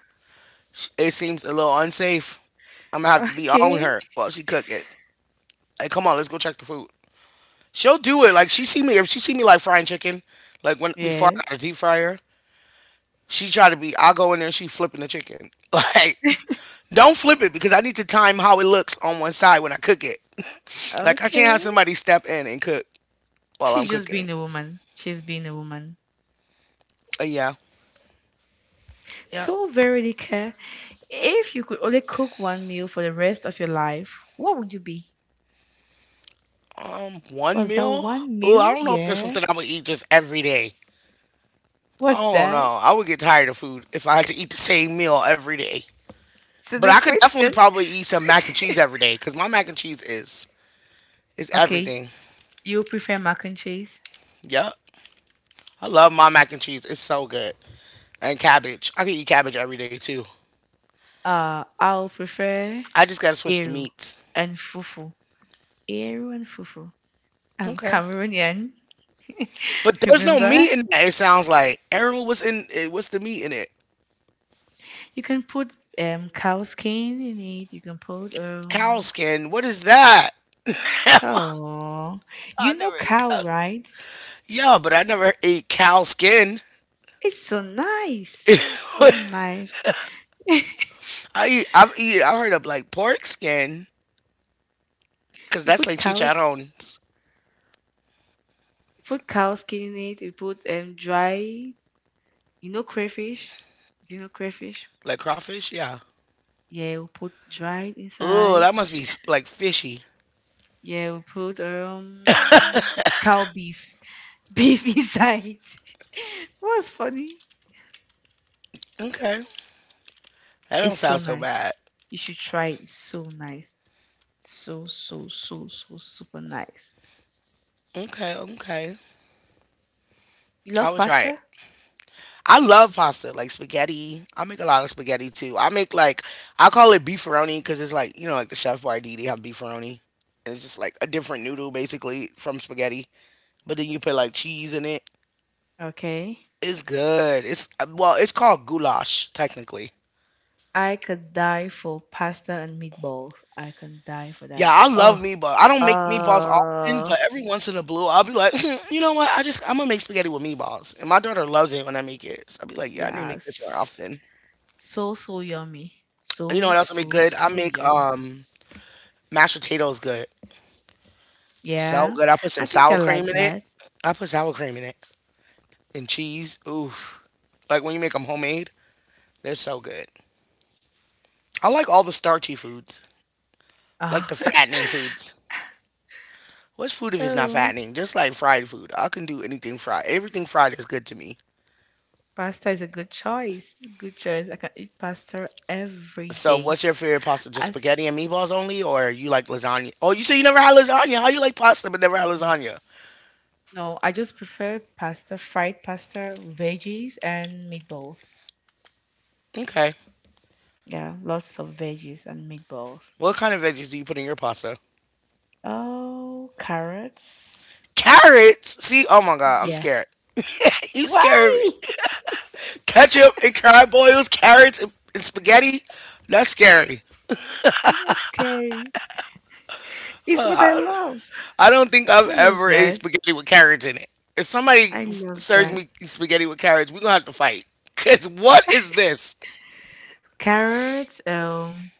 A: it seems a little unsafe. I'm gonna have to
B: [laughs]
A: be on
B: Okay.
A: her while she cook it. Like, come on, let's go check the food. She'll do it. Like she see me if she see me like frying chicken, like when before
B: Yes.
A: I got a deep fryer, she try to be. I go in there, she flipping the chicken. [laughs] Like, don't flip it because I need to time how it looks on one side when I cook it. [laughs] Like I can't have
B: Okay.
A: somebody step in and cook while I'm
B: She's just
A: cooking.
B: being a woman. She's being a woman.
A: Yeah, yeah.
B: So very Veronica, if you could only cook one meal for the rest of your life, what would you be?
A: One
B: Was that
A: meal.
B: one
A: Oh, I
B: meal?
A: don't know if there's
B: Yeah.
A: something I would eat just every day. I
B: What's
A: don't
B: that?
A: know. I would get tired of food if I had to eat the same meal every day.
B: So
A: But
B: the
A: I could definitely
B: question.
A: probably eat some mac and cheese
B: [laughs]
A: every day because my mac and cheese is
B: Okay,
A: everything.
B: you prefer mac and cheese.
A: Yep. I love my mac and cheese. It's so good. And cabbage. I could eat cabbage every day too.
B: I'll prefer
A: I just gotta switch to
B: eru
A: meats.
B: and fufu. Eru and fufu. I'm
A: Okay.
B: Cameroonian.
A: But
B: [laughs]
A: there's no
B: Remember,
A: meat in that. It sounds like Errol was in. What's the meat in it?
B: you can put cow skin in it. You can put
A: Cow
B: um
A: skin. What is that? [laughs] I
B: Oh, you know
A: never ate
B: cow,
A: cow.
B: right?
A: Yeah, but I never ate cow skin.
B: It's so nice. So nice. [laughs]
A: I've eat. I heard of like pork skin, cause
B: You
A: that's
B: put
A: like
B: cows
A: chicharrones,
B: you put cow skin in it, you put dry you know crayfish? Do you know crayfish?
A: like crawfish. Yeah.
B: Yeah, we put dried
A: Oh,
B: inside.
A: that must be like fishy.
B: Yeah, we put cow beef. [laughs] Beef inside. [laughs] What's funny?
A: Okay, that don't
B: It's
A: sound
B: so
A: so
B: nice.
A: bad.
B: You should try it. It's so nice. So, super nice.
A: Okay, okay.
B: You
A: I
B: love
A: will try it.
B: pasta?
A: I love pasta, like spaghetti. I make a lot of spaghetti too. I make like I call it beefaroni because it's like you know like the chef Boyardee have beefaroni, and it's just like a different noodle basically from spaghetti, but then you put like cheese in it.
B: Okay.
A: It's good. It's well, it's called goulash technically.
B: I could die for pasta and meatballs. I can die for
A: Yeah,
B: that.
A: I love
B: Oh,
A: meatballs. I don't make meatballs often,
B: uh,
A: but every once in a blue, I'll be like, [laughs] "Hmm, you know what? I'm gonna make spaghetti with meatballs, and my daughter loves it when I make it. So I'll be like, yeah, I need to make this more
B: yes.
A: often.
B: So, so yummy.
A: You know
B: So,
A: what else I make
B: so,
A: good? I
B: so
A: make
B: yummy.
A: mashed potatoes good. So
B: Yeah,
A: good. I put
B: I
A: some
B: think I
A: sour cream
B: like
A: in it.
B: that.
A: I put sour cream in it and cheese. Ooh, like when you make them homemade, they're so good. I like all the starchy foods, like
B: Oh,
A: the fattening
B: [laughs]
A: foods. What's food if it's not
B: oh,
A: fattening? Just like fried food. I can do anything fried. Everything fried is good to me.
B: pasta is a good choice. Good choice. I can eat pasta every
A: So, what's your
B: day.
A: favorite pasta? Just
B: As
A: spaghetti and meatballs only, or you like lasagna? Oh, you say you never had lasagna. How you like pasta but never had
B: No,
A: lasagna?
B: no, I just prefer pasta, fried pasta, veggies, and meatballs.
A: Okay.
B: Yeah, lots of veggies and meatballs.
A: What kind of veggies do you put in your pasta?
B: Oh, carrots.
A: Carrots. See, oh my god, I'm
B: Yeah.
A: scared. [laughs] You scared me.
B: Why?
A: Ketchup and crab boils, carrots and spaghetti. That's scary.
B: It's not scary. It's what I love.
A: I don't think I've
B: I love
A: ever ate
B: that.
A: spaghetti with carrots in it. If somebody
B: I love
A: serves
B: that.
A: me spaghetti with carrots, we're gonna have to fight. Cause what is this?
B: Carrots,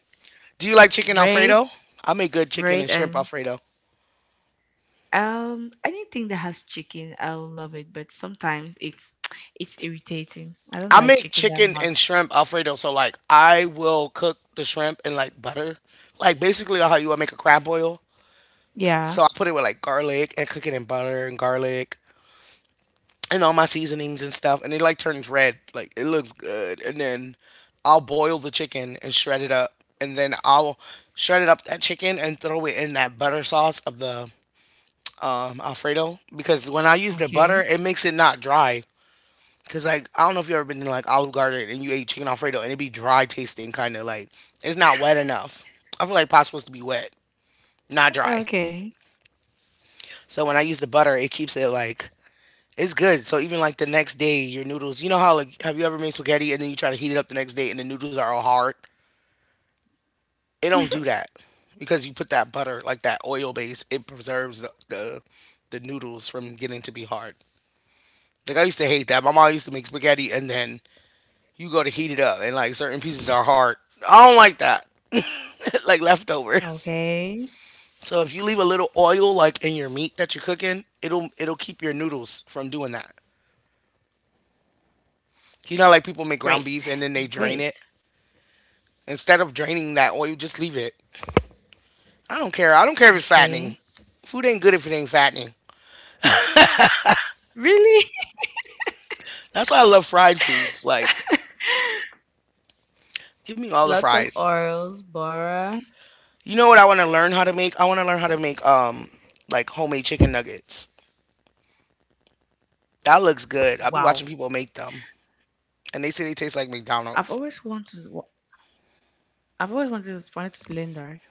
A: Do you like chicken
B: red,
A: alfredo? I make good chicken and shrimp
B: and
A: alfredo.
B: anything that has chicken, I'll love it. But sometimes it's [tsk] it's irritating. I don't
A: I
B: like
A: make
B: chicken that
A: chicken and
B: much.
A: shrimp alfredo. So like, I will cook the shrimp in like butter, like basically how you would make a crab boil. So
B: Yeah.
A: I put it with like garlic and cook it in butter and garlic, and all my seasonings and stuff, and it like turns red. Like it looks good. And then I'll boil the chicken and shred it up, and then I'll shred it up that chicken and throw it in that butter sauce of the Alfredo because when I use the butter,
B: Okay.
A: it makes it not dry. Cause like I don't know if you ever been to like Olive Garden and you ate chicken Alfredo and it be dry tasting, kind of like it's not wet enough. I feel like pot's supposed to be wet, not dry.
B: Okay.
A: So when I use the butter, it keeps it like it's good. So even like the next day, your noodles. You know how like have you ever made spaghetti and then you try to heat it up the next day and the noodles are all hard? It don't
B: [laughs]
A: do that because you put that butter like that oil base. It preserves the noodles from getting to be hard. Like I used to hate that. My mom used to make spaghetti and then you go to heat it up and like certain pieces are hard. I don't like that. [laughs] Like leftovers.
B: Okay.
A: So if you leave a little oil like in your meat that you're cooking, it'll keep your noodles from doing that. You know, like people make ground
B: Great.
A: beef and then they drain
B: Great.
A: it. Instead of draining that oil, just leave it. I don't care. I don't care if it's
B: Okay.
A: fattening. Food ain't good if it ain't fattening.
B: Really?
A: That's why I love fried foods. Like,
B: [laughs]
A: give me all the
B: Lots of
A: fries.
B: orals, Bora.
A: You know what I want to learn how to make? I want to learn how to make like homemade chicken nuggets. That looks good. I'll be watching
B: Wow.
A: people make them, and they say they taste like
B: I've
A: McDonald's.
B: always wanted to, I've always wanted to learn that.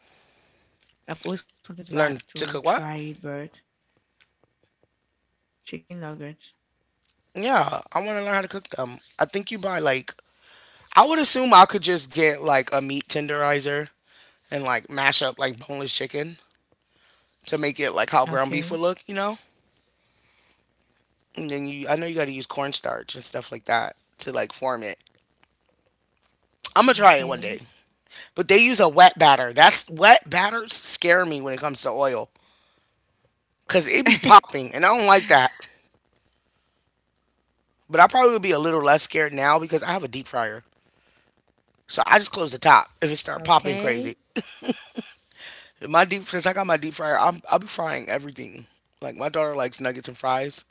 B: I've always wanted to learn
A: Learn to
B: to
A: cook what?
B: try it, but chicken nuggets.
A: Yeah, I want to learn how to cook them. I think you buy like I would assume I could just get like a meat tenderizer and like mash up like boneless chicken to make it like how ground beef
B: Okay.
A: would look, you know? And then you, I know you got to use cornstarch and stuff like that to like form it. I'm gonna try it one
B: Okay.
A: day. But they use a wet batter. That's wet batters scare me when it comes to oil because it be
B: [laughs]
A: popping, and I don't like that. But I probably would be a little less scared now because I have a deep fryer. So I just close the top if it start popping
B: Okay.
A: crazy. My deep since I got my deep fryer, I'll be frying everything. Like my daughter likes nuggets and fries.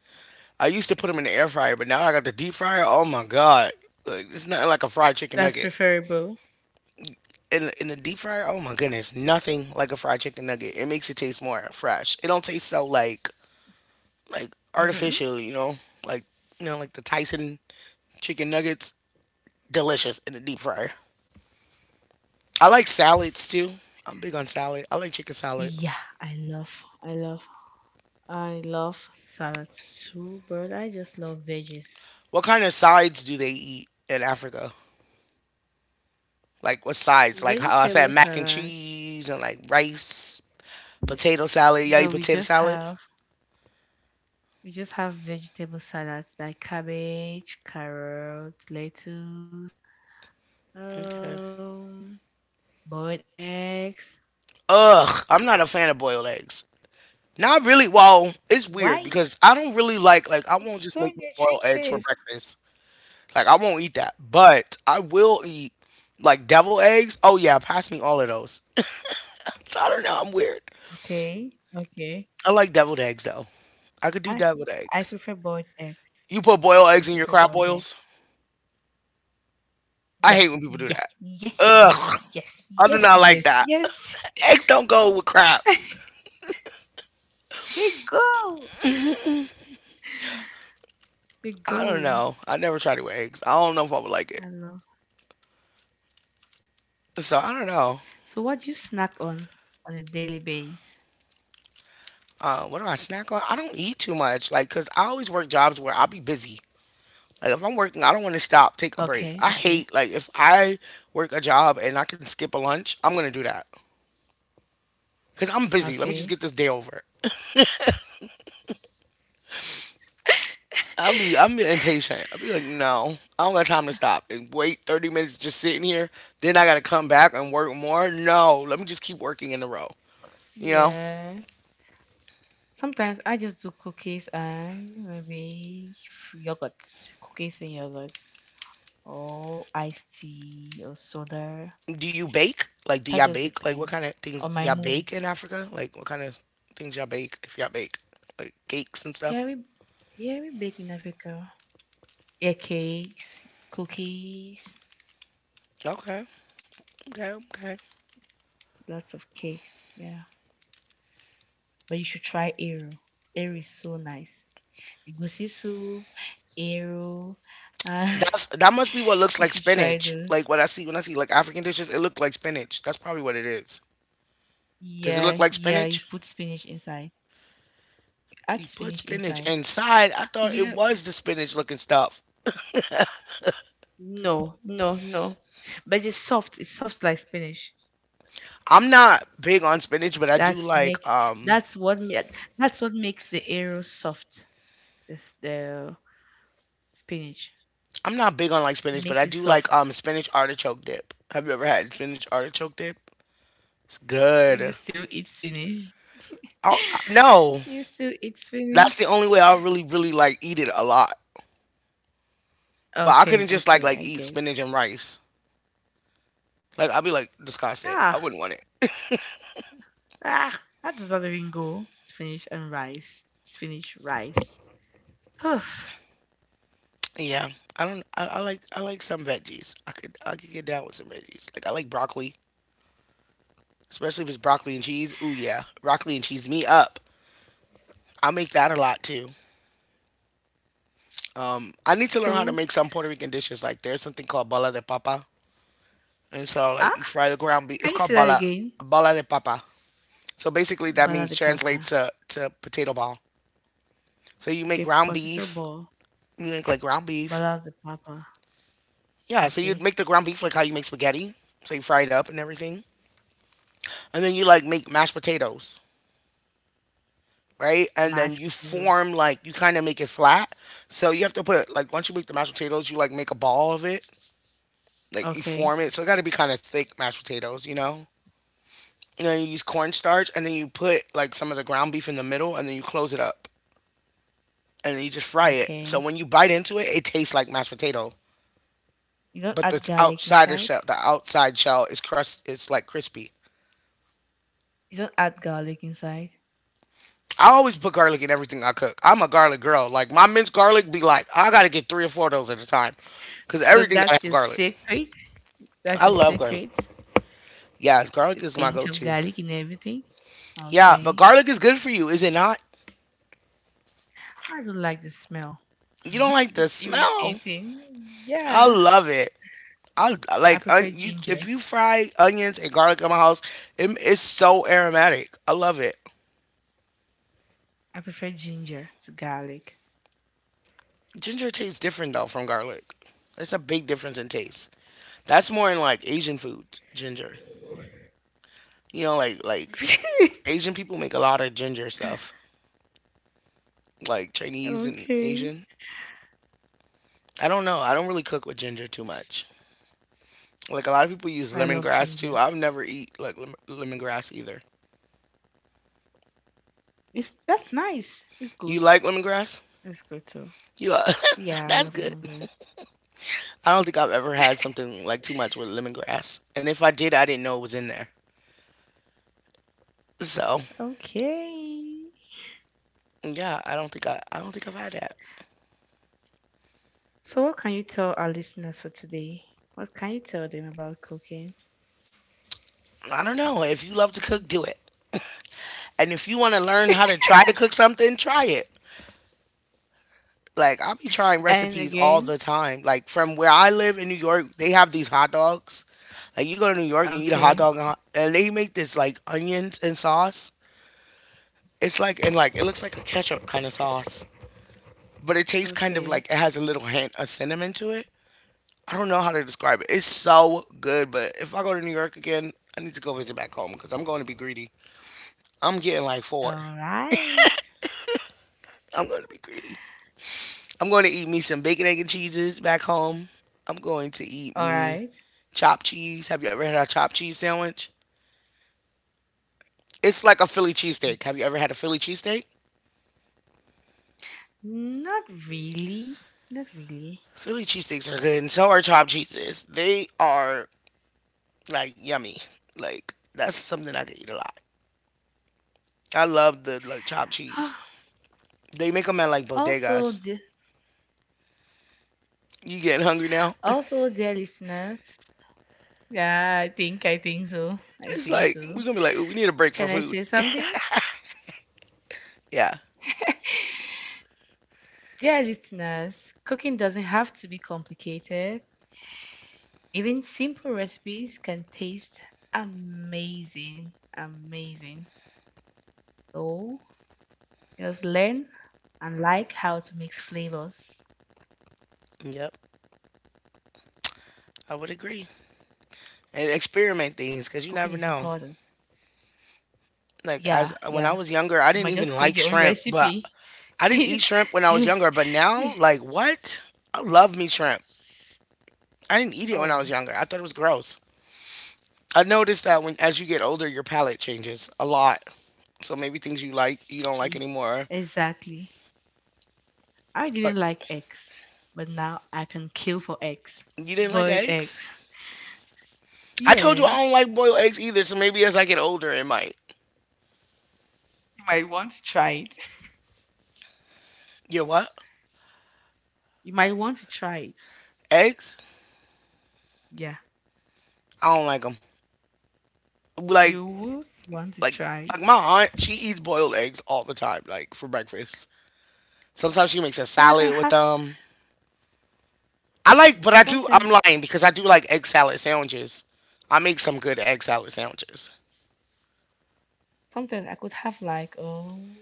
A: I used to put them in the air fryer, but now I got the deep fryer. Oh my god! Like it's nothing like a fried chicken
B: That's
A: nugget.
B: preferable.
A: In the deep fryer, oh my goodness, nothing like a fried chicken nugget. It makes it taste more fresh. It don't taste so like
B: Mm-hmm.
A: artificial, like you know like the Tyson chicken nuggets. Delicious in the deep fryer. I like salads too. I'm big on salad. I like chicken salad.
B: Yeah, I love, I love, I love salads too, but I just love veggies.
A: What kind of sides do they eat in Africa? Like what sides? Like how I said,
B: Vegetable
A: mac and
B: salad.
A: cheese and like rice, potato salad. Y'all eat
B: No, we
A: potato
B: just
A: salad?
B: have We just have vegetable salads like cabbage, carrots, lettuce,
A: Okay.
B: um, boiled eggs.
A: Ugh, I'm not a fan of boiled eggs. Not really. Well, it's weird
B: Why?
A: because I don't really like I won't
B: It's
A: just
B: so
A: make me boiled eggs for
B: nutritive.
A: breakfast. Like I won't eat that, but I will eat like devil eggs. Oh yeah, pass me all of those. So I don't know. I'm weird.
B: Okay, okay.
A: I like deviled eggs though. I could do
B: I
A: deviled
B: I
A: eggs.
B: prefer boiled eggs.
A: You put boiled
B: I
A: eggs in your
B: prefer
A: crab
B: boiled
A: boils?
B: eggs.
A: I
B: Yep.
A: hate when people do
B: Yeah.
A: that.
B: Yeah. Yes.
A: Ugh,
B: Yes.
A: I do
B: Yes.
A: not like
B: Yes.
A: that. [laughs]
B: Yes.
A: Eggs don't go with crap.
B: They go. They
A: I don't
B: go.
A: know. I never tried it with eggs. I don't know if I would like it.
B: I love.
A: So I don't know.
B: So, what do you snack on a daily basis?
A: What do I snack on? I don't eat too much, like, cause I always work jobs where I'll be busy. Like, if I'm working, I don't want to stop, take a break.
B: Okay.
A: I
B: Okay.
A: hate like if I work a job and I can skip a lunch, I'm gonna do that, cause I'm busy. Let me just
B: Okay.
A: get this day over.
B: [laughs]
A: I'm impatient. I'll be like, no, I don't got time to stop and wait 30 minutes just sitting here. Then I gotta come back and work more. No, let me just keep working in a row. You know?
B: Yeah. Sometimes I just do cookies and maybe yogurts, cookies and yogurts, or iced tea or soda.
A: Do you bake? Like, do
B: That
A: y'all
B: just
A: bake? Like, what kind of
B: depends on
A: things
B: my
A: y'all
B: mood.
A: bake in Africa? Like, what kind of things y'all bake if y'all bake? Like cakes and stuff.
B: Yeah, we, yeah, we bake in Africa. Yeah, cakes, cookies,
A: Okay, okay, okay.
B: lots of cake. Yeah, but you should try Aero. Aero is so nice. Egusi soup, Aero. Uh,
A: That's that must be what
B: [laughs]
A: looks
B: you
A: like
B: should try
A: spinach.
B: those.
A: Like what I see when I see like African dishes, it look like spinach. That's probably what it is. Does it
B: Yeah,
A: look like
B: yeah, you
A: spinach?
B: put spinach inside.
A: You
B: That's
A: put
B: spinach
A: spinach
B: inside.
A: inside. I thought it
B: Yeah.
A: was the spinach looking stuff.
B: No, no, no. But it's soft. It's soft like spinach.
A: I'm not big on spinach, but I do
B: That's
A: like
B: make that's what ma- that's what makes the arrow soft. This the spinach.
A: I'm not big on like
B: It
A: spinach, but
B: makes
A: I
B: it
A: do like
B: soft.
A: spinach artichoke dip. Have you ever had spinach artichoke dip? It's
B: You
A: good.
B: still eat spinach.
A: Oh no,
B: [laughs] You still eat
A: that's
B: spinach.
A: the only way I really really like eat it a lot. But I
B: Okay,
A: couldn't just
B: okay,
A: like
B: I
A: eat
B: get.
A: spinach and rice. Like I'd be like disgusted. I
B: Ah,
A: wouldn't want it. [laughs]
B: ah, how does that even go? Spinach and rice. Spinach rice. [sighs]
A: Yeah, I don't. I like I like some veggies. I could get down with some veggies. Like I like broccoli, especially if it's broccoli and cheese. Ooh yeah, broccoli and cheese me up. I make that a lot too. I need to learn how to
B: so
A: make some Puerto Rican dishes. Like there's something called bala de papa, and so like
B: ah,
A: you fry the ground beef. It's
B: can you
A: called
B: say that again?
A: bala de papa. So basically, that
B: Bala
A: means
B: de papa.
A: translates to potato ball. So you make
B: Okay,
A: ground
B: potato
A: beef.
B: ball.
A: You make like ground beef.
B: Bala de papa.
A: Yeah, so you'd
B: Okay.
A: make the ground beef like how you make spaghetti. So you fry it up and everything. And then you like make mashed potatoes, right? And then
B: Mashed
A: you
B: potato.
A: form like, you kind of make it flat. So you have to put, like, once you make the mashed potatoes, you like make a ball of it. Like you
B: Okay.
A: form it. So it got to be kind of thick mashed potatoes, you know? And then you use cornstarch and then you put like some of the ground beef in the middle and then you close it up and then you just fry it. So
B: Okay.
A: when you bite into it, it tastes like mashed potato.
B: You don't
A: But the
B: add garlic
A: outsider shell,
B: inside?
A: the outside shell is crust. It's like crispy.
B: You don't add garlic inside?
A: I always put garlic in everything I cook. I'm a garlic girl. Like my minced garlic be like, I gotta get three or four of those at a time, cause
B: So
A: everything gotta
B: that's
A: have
B: your
A: garlic.
B: secret. That's
A: I
B: your
A: love garlic.
B: secret.
A: Yes, garlic
B: A
A: is my
B: pinch of
A: go-to.
B: garlic in everything.
A: Yeah, but
B: Okay.
A: garlic is good for you, is it not?
B: I don't like the smell.
A: You don't
B: [laughs]
A: like the
B: It's
A: smell.
B: irritating.
A: I
B: Yeah.
A: love it. I
B: I
A: like on,
B: prefer
A: you, if
B: ginger.
A: you fry onions and garlic in my house, it's so aromatic. I love it.
B: I prefer ginger to garlic.
A: Ginger tastes different though from garlic. It's a big difference in taste. That's more in like Asian foods, ginger. You know, like
B: [laughs]
A: Asian people make a lot of ginger stuff, like Chinese and
B: Okay.
A: Asian. I don't know. I don't really cook with ginger too much. Like a lot of people use
B: I love
A: lemongrass too.
B: ginger.
A: I've never eat like lemongrass either.
B: It's That's nice. It's good.
A: You like
B: It's
A: lemongrass?
B: good too.
A: You li-
B: Yeah, I
A: [laughs]
B: love
A: that's
B: lemon
A: good.
B: green.
A: I don't think I've ever had something like too much with lemongrass, and if I did, I didn't know it was in there. So
B: Okay.
A: yeah, I don't think I've had that.
B: So what can you tell our listeners for today? What can you tell them about cooking?
A: I don't know. If you love to cook, do it. And if you want to learn how to try to cook something, try it. Like I'll be trying
B: And
A: recipes all
B: again,
A: the time. Like from where I live in New York, they have these hot dogs. Like you go to New York and eat a hot
B: okay,
A: dog, and they make this like onions and sauce. It's like and like it looks like a ketchup kind of sauce, but it tastes kind of
B: okay,
A: like it has a little hint of cinnamon to it. I don't know how to describe it. It's so good, but if I go to New York again, I need to go visit back home because I'm going to be greedy. I'm getting like four.
B: all right,
A: I'm going to be greedy. I'm going to eat me some bacon, egg, and cheeses back home. I'm going to eat
B: all
A: me
B: right.
A: chopped cheese. Have you ever had a chopped cheese sandwich? It's like a Philly cheesesteak. Have you ever had a Philly cheesesteak?
B: Not really, not really.
A: Philly cheesesteaks are good, and so are chopped cheeses. They are like yummy. Like that's something I could eat a lot. I love the like chopped cheese.
B: [gasps]
A: They make them at like
B: [sighs] also,
A: bodegas.
B: dear,
A: You getting hungry now? [laughs]
B: also, dear listeners. Yeah, I think so. I
A: It's
B: think
A: like we're
B: so.
A: gonna be like, we need a break for
B: Can I
A: food.
B: say
A: [laughs]
B: something?
A: Yeah.
B: Dear listeners, cooking doesn't have to be complicated. Even simple recipes can taste amazing, amazing. So just learn and like how to mix flavors.
A: Yep. I would agree. And experiment things because you never
B: Cooking is
A: know.
B: important.
A: Like
B: Yeah,
A: as when I
B: yeah.
A: was younger, I
B: You
A: didn't
B: might just
A: even
B: create
A: like
B: your own
A: shrimp, but
B: recipe. [laughs]
A: I didn't eat
B: you,
A: shrimp when I was
B: you,
A: younger, but
B: you,
A: now like what? I love me shrimp. I didn't eat it when I was
B: oh,
A: younger. I thought it was gross. I noticed that when as you get older, your palate changes a lot. So maybe things you like, you don't like
B: y-
A: anymore.
B: exactly. I
A: Or
B: didn't like eggs, but now I can kill for eggs.
A: you didn't like
B: Boiled
A: eggs?
B: eggs.
A: I told you I don't
B: Yes.
A: like boiled eggs either, so maybe as I get older, it might.
B: You might want to try it. [laughs]
A: Yeah, what?
B: You might want to try it.
A: Eggs?
B: Yeah.
A: I don't like them. Like,
B: You would want to
A: like,
B: try it.
A: like my aunt, she eats boiled eggs all the time, like for breakfast. Sometimes she makes a
B: Yeah, I can
A: salad with
B: have
A: them. I like, but I do.
B: sometimes
A: I'm lying because I do like egg salad sandwiches. I make some good egg salad sandwiches.
B: sometimes I could have like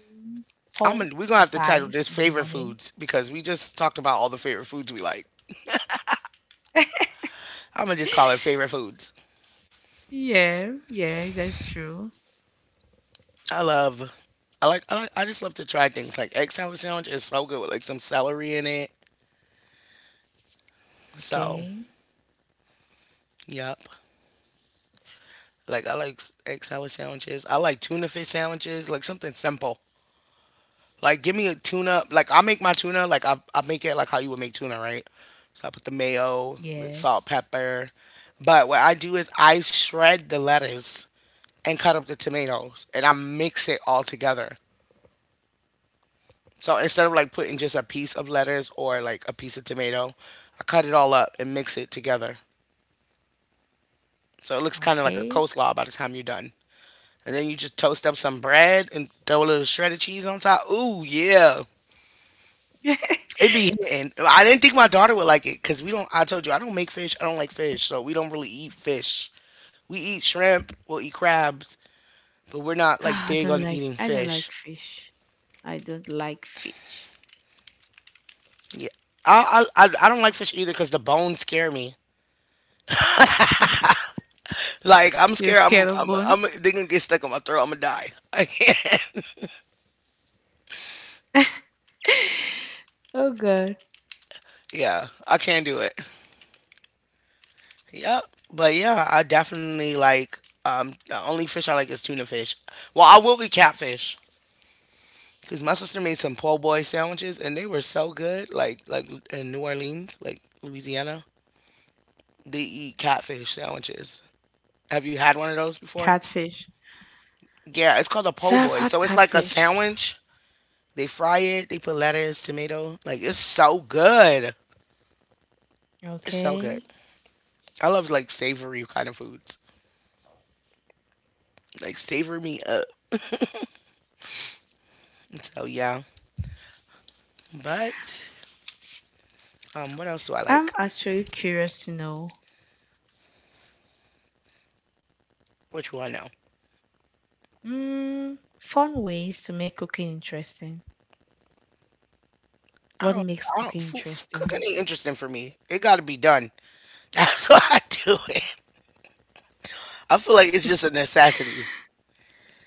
A: I'm
B: four
A: gonna, we're gonna
B: to
A: have to title
B: five
A: this
B: in the
A: favorite
B: morning.
A: foods because we just talked about all the favorite foods we like. I'm gonna just call it
B: [laughs]
A: favorite foods.
B: Yeah, yeah, that's true.
A: I love. I like. I just love to try things like egg salad sandwich is so good with like some celery in it. So
B: Okay.
A: yep. Like I like egg salad sandwiches. I like tuna fish sandwiches. Like something simple. Like, give me a tuna. Like, I make my tuna. Like, I make it like how you would make tuna, right? So I put the mayo, the
B: Yes.
A: salt, pepper. But what I do is I shred the lettuce and cut up the tomatoes and I mix it all together. So instead of like putting just a piece of lettuce or like a piece of tomato, I cut it all up and mix it together. So it looks kind of like a
B: Okay.
A: coleslaw by the time you're done. And then you just toast up some bread and throw a little shredded cheese on top. Ooh, yeah.
B: [laughs]
A: It be hitting. I didn't think my daughter would like it because we don't. I told you I don't make fish. I don't like fish, so we don't really eat fish. We eat shrimp. We'll eat crabs, but we're not like
B: Ah,
A: big on eating
B: I don't
A: fish.
B: like fish. I don't like fish.
A: Yeah, I don't like fish either because the bones scare me. Like I'm
B: You're
A: scared. I'm
B: scared of
A: I'm I'm
B: bones?
A: they're gonna get stuck on my throat. I'm gonna die. I can't. [laughs]
B: [laughs] oh god.
A: Yeah, I can't do it. Yep. But yeah, I definitely like the only fish I like is tuna fish. Well, I will eat catfish. Cause my sister made some po' boy sandwiches and they were so good. Like in New Orleans, like Louisiana, they eat catfish sandwiches. Have you had one of those before?
B: Catfish.
A: Yeah, it's called a po'
B: Yeah, I've
A: boy.
B: had
A: So it's like a
B: catfish.
A: sandwich. They fry it. They put lettuce, tomato. Like it's so good. It's so good.
B: Okay.
A: I love like savory kind of foods. Like savor me up. So yeah. But what else do I
B: I'm
A: like?
B: actually curious to know
A: Which one now?
B: fun ways to make cooking interesting.
A: I
B: What
A: don't.
B: makes
A: I don't.
B: cooking
A: Food, cooking
B: interesting?
A: ain't interesting for me. It got to be done. [laughs] That's why I do it. I feel like it's just a necessity.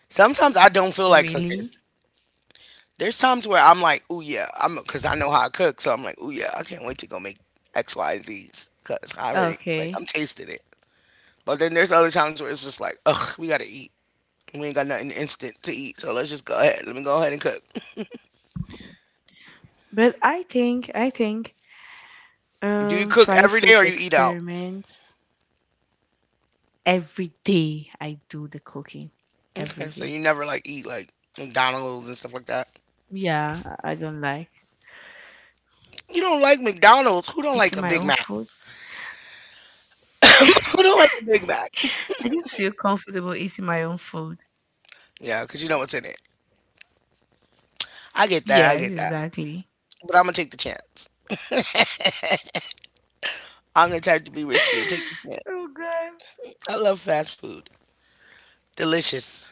A: Sometimes I don't feel like cooking.
B: Really?
A: There's times where I'm like, oh yeah, I'm because I know how I cook, so I'm like, oh yeah, I can't wait to go make X, Y, and Z's because I already like
B: Okay.
A: I'm tasting it. But then there's other times where it's just like, ugh, we gotta eat. We ain't got nothing instant to eat, so let's just go ahead. Let me go ahead and cook.
B: But I think
A: Do you cook
B: try
A: every day
B: food
A: or you eat out?
B: experiments every day. I do the cooking
A: Okay,
B: every
A: so you
B: day.
A: never like eat like McDonald's and stuff like that.
B: Yeah, I don't like
A: You don't like McDonald's? Who don't like
B: eating
A: a
B: my
A: Big
B: own
A: Mac?
B: food.
A: [laughs] Who don't
B: [laughs]
A: like a Big Mac?
B: I just feel comfortable eating my own food.
A: Yeah, because you know what's in it. I get that. I
B: Yes,
A: get that.
B: exactly.
A: But I'm gonna take the chance. I'm the type to be risky and take the
B: [laughs] oh
A: chance.
B: god.
A: I love fast food. Delicious.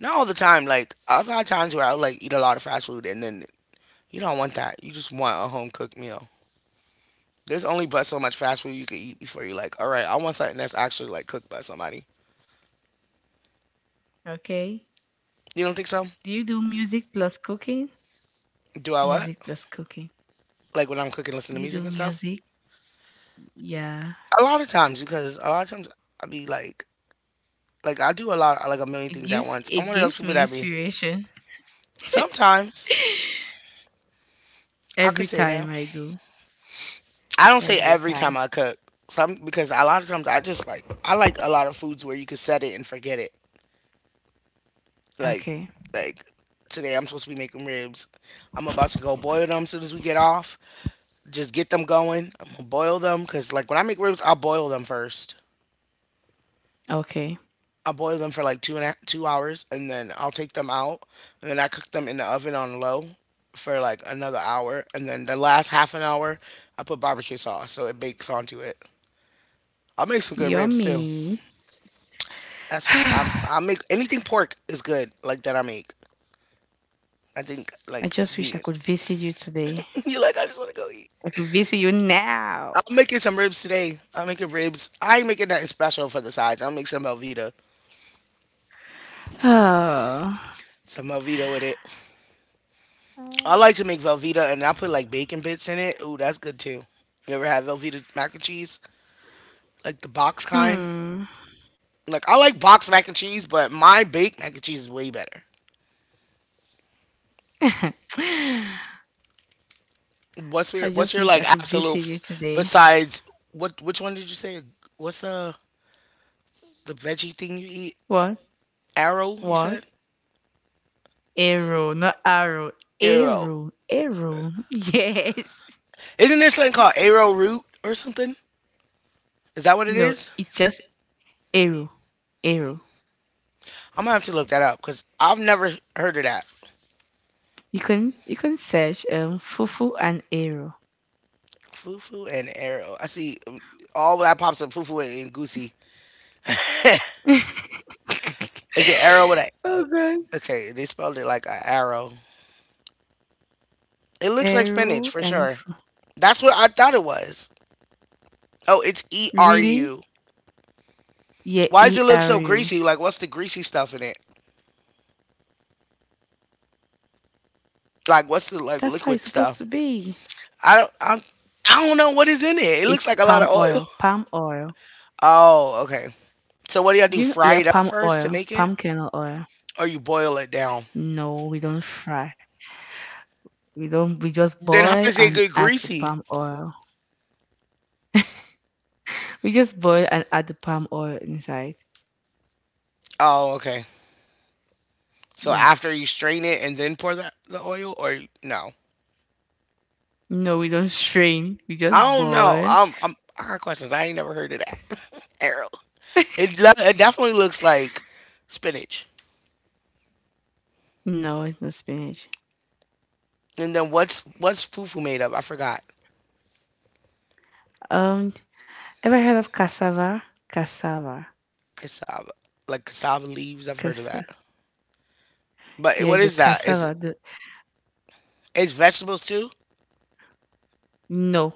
A: Not all the time. Like I've had times where I would like eat a lot of fast food and then you don't want that. You just want a home cooked meal. There's only but so much fast food you can eat before you're like, all right, I want something that's actually like cooked by somebody.
B: Okay.
A: You don't think so?
B: Do you do music plus cooking?
A: Do I what?
B: Music plus cooking.
A: Like when I'm cooking, listen to
B: You
A: music
B: do
A: and stuff.
B: music? Yeah.
A: A lot of times because a lot of times I be like I do a lot, like a million things at once. I'm
B: It
A: one of those
B: gives
A: people
B: me
A: that be.
B: inspiration
A: Sometimes
B: [laughs]
A: I could
B: every
A: say that.
B: time I do.
A: I don't say
B: Every
A: every
B: time.
A: time I cook. Some because a lot of times I just like I like a lot of foods where you can set it and forget it. Like
B: Okay.
A: like today I'm supposed to be making ribs. I'm about to go boil them as soon as we get off. Just get them going. I'm gonna boil them because like when I make ribs, I boil them first.
B: Okay.
A: I boil them for like 2 hours, and then I'll take them out, and then I cook them in the oven on low for like another hour, and then the last half an hour I put barbecue sauce so it bakes onto it. I make some good ribs too.
B: Yummy. [sighs]
A: That's what I'm.
B: I
A: I make anything pork is good. Like that I make. I think like
B: just wish I
A: being
B: could visit you today.
A: [laughs] you like I just want to go eat.
B: I could visit you now.
A: I'm
B: [sighs]
A: making some ribs today. I'm making ribs. I ain't making nothing special for the sides. I'll make some Velveeta.
B: Oh.
A: Some Velveeta with it. I
B: Oh.
A: like to make Velveeta and I put like bacon bits in it. Ooh, that's good too. You ever had Velveeta mac and cheese? Like the box kind?
B: Hmm.
A: Like I like box mac and cheese, but my baked mac and cheese is way better.
B: [laughs]
A: What's
B: I
A: your what's
B: just
A: your
B: wish I
A: like
B: could
A: absolute
B: visit you
A: f-
B: today.
A: besides what which one did you say? What's the veggie thing you eat?
B: What?
A: Arrow, you
B: What?
A: said?
B: Arrow, not arrow.
A: Arrow.
B: Arrow, arrow. [laughs] Yes.
A: Isn't there something called arrowroot or something? Is that what it
B: No,
A: is?
B: it's just arrow, arrow.
A: I'm gonna have to look that up because I've never heard of that.
B: You can search fufu and arrow.
A: Fufu and arrow. I see all that pops up. Fufu and goosey.
B: [laughs]
A: Is it arrow with a?
B: oh god.
A: Okay, they spelled it like a arrow. It looks like spinach
B: Arrow
A: for
B: and
A: sure. That's what I thought it was. Oh, it's E R
B: really?
A: U.
B: Yeah,
A: Why does
B: E
A: it look
B: R
A: so
B: U.
A: greasy? Like, what's the greasy stuff in it? Like, what's the like
B: That's how it's
A: liquid
B: supposed
A: stuff?
B: to be.
A: I don't. I don't know what is in it. It looks
B: It's
A: like a lot
B: palm
A: of oil.
B: oil,
A: [laughs]
B: palm oil.
A: Oh, okay. So what do y'all
B: Do
A: do?
B: you know?
A: Fry
B: Yeah,
A: it up
B: palm
A: first to
B: oil,
A: make it,
B: palm kernel oil.
A: or you boil it down?
B: No, we don't fry. We don't. We just
A: Then how
B: boil
A: does it
B: and
A: get
B: add the
A: greasy?
B: palm oil. We just boil and add the palm oil inside.
A: Oh, okay. So
B: Yeah.
A: after you strain it and then pour the oil, or you- no?
B: No, we don't strain. We
A: I
B: just
A: don't know.
B: boil.
A: I got questions. I ain't never heard of that. [laughs] Errol. It lo- it definitely looks like spinach.
B: No, it's not spinach.
A: And then what's fufu made of? I forgot.
B: Um, ever heard of cassava? Cassava.
A: Cassava, like cassava leaves. I've heard of that.
B: Cassava.
A: But
B: Yeah,
A: what
B: the
A: is that? Is
B: cassava. The,
A: is vegetables too?
B: no,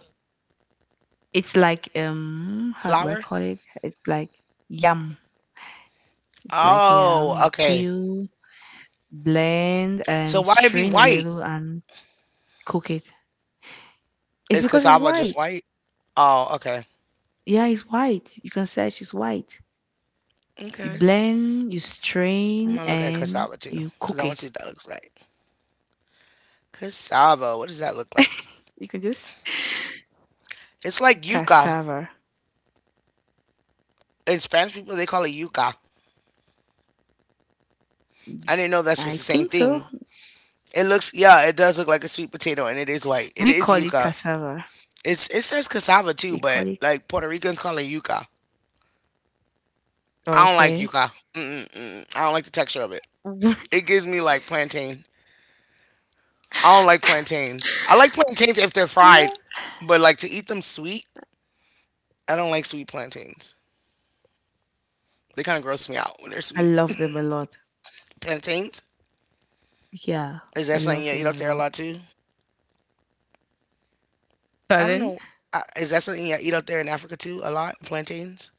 B: it's like how do I
A: Flour?
B: call it? It's like yam. It's like yam.
A: Oh,
B: You
A: okay.
B: peel, blend,
A: So
B: and
A: why it be
B: strain a
A: white?
B: little and cook it. It's
A: Is
B: because it's
A: cassava just
B: white.
A: white? Oh, okay.
B: Yeah, it's white. You can search. It's white. You
A: Okay.
B: blend, you
A: I'm
B: strain,
A: gonna look at
B: and
A: cassava too,
B: you
A: because I
B: cook
A: want to see
B: it.
A: what that looks like. Cassava, what does that look like?
B: [laughs] You can just
A: It's like yuca.
B: cassava.
A: In Spanish people, they call it yuca. I didn't know that's was
B: I
A: the same
B: think so.
A: thing. It looks, yeah, it does look like a sweet potato, and it is white. It
B: We
A: is
B: call it
A: yuca.
B: cassava.
A: It's it says cassava too,
B: We
A: but
B: call it
A: like Puerto Ricans call it yuca. I don't like
B: okay.
A: yuca. Mm-mm-mm. I don't like the texture of it.
B: [laughs]
A: It gives me like plantain. I don't like plantains. I like plantains if they're
B: What?
A: fried, but like to eat them sweet, I don't like sweet plantains. They kind of gross me out when they're
B: I
A: sweet.
B: love them a lot.
A: Plantains
B: Yeah,
A: is
B: I
A: that something
B: love
A: you eat
B: them a
A: out there a
B: lot.
A: lot too? I don't
B: Pardon?
A: know. I, is that something you eat out there in Africa too a lot? Plantains.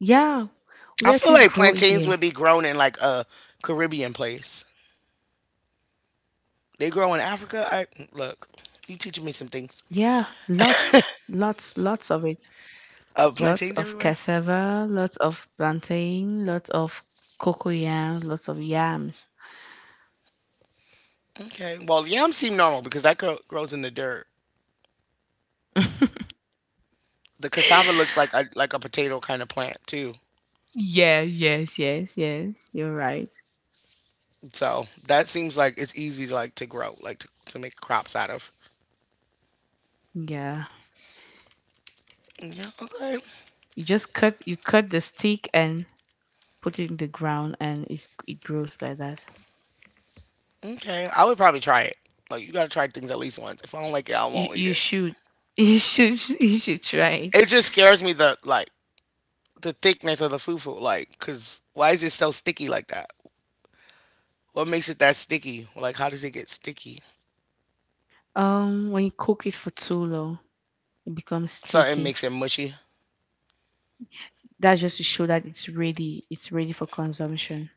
B: Yeah, we
A: I feel
B: actually
A: like
B: grow it
A: plantains
B: here.
A: would be grown in like a Caribbean place. They grow in Africa. I look. You teaching me some things.
B: Yeah, lots, lots, lots of it. Lots
A: Plantains
B: of
A: everywhere.
B: cassava, lots of plantain, lots of cocoa yam, lots of yams.
A: Okay. Well, yams seem normal because that gro- grows in the dirt. The cassava
B: [laughs]
A: looks like a potato kind of plant too.
B: Yeah, yes, yes, yes. You're right.
A: So that seems like it's easy to like to grow, like to make crops out of.
B: Yeah.
A: Yeah, okay.
B: You cut the stick and put it in the ground and it grows like that.
A: Okay. I would probably try it. Like you gotta try things at least once. If I don't like it, I
B: You
A: won't eat
B: you
A: it.
B: should [laughs] you should try it.
A: It just scares me the like the thickness of the fufu, like, cause why is it so sticky like that? What makes it that sticky? Like how does it get sticky?
B: When you cook it for too long, it becomes
A: Something
B: sticky.
A: makes it mushy.
B: That's just to show that it's ready for consumption.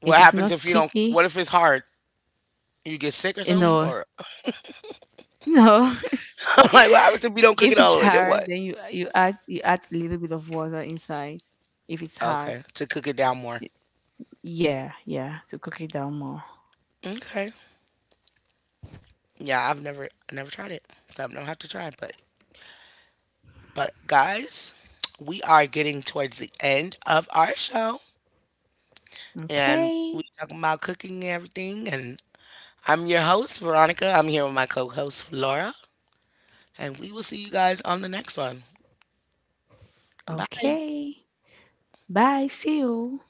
A: What
B: If it's
A: happens
B: not
A: if you don't
B: sticky,
A: what if it's hard? You get sick or
B: you
A: something?
B: know,
A: Or [laughs]
B: [laughs] no. [laughs]
A: like what happens if you don't cook it
B: if
A: all
B: it's
A: the way? Then
B: hard,
A: what?
B: then you add a little bit of water inside if it's hard.
A: Okay. To cook it down more.
B: Yeah, yeah, to cook it down more.
A: Okay. Yeah, I've never I never tried it, so I'm gonna have to try it. But guys, we are getting towards the end of our show, and we
B: Okay,
A: talking about cooking and everything. And I'm your host Veronica. I'm here with my co-host Laura, and we will see you guys on the next one. Bye.
B: okay. Bye, see you.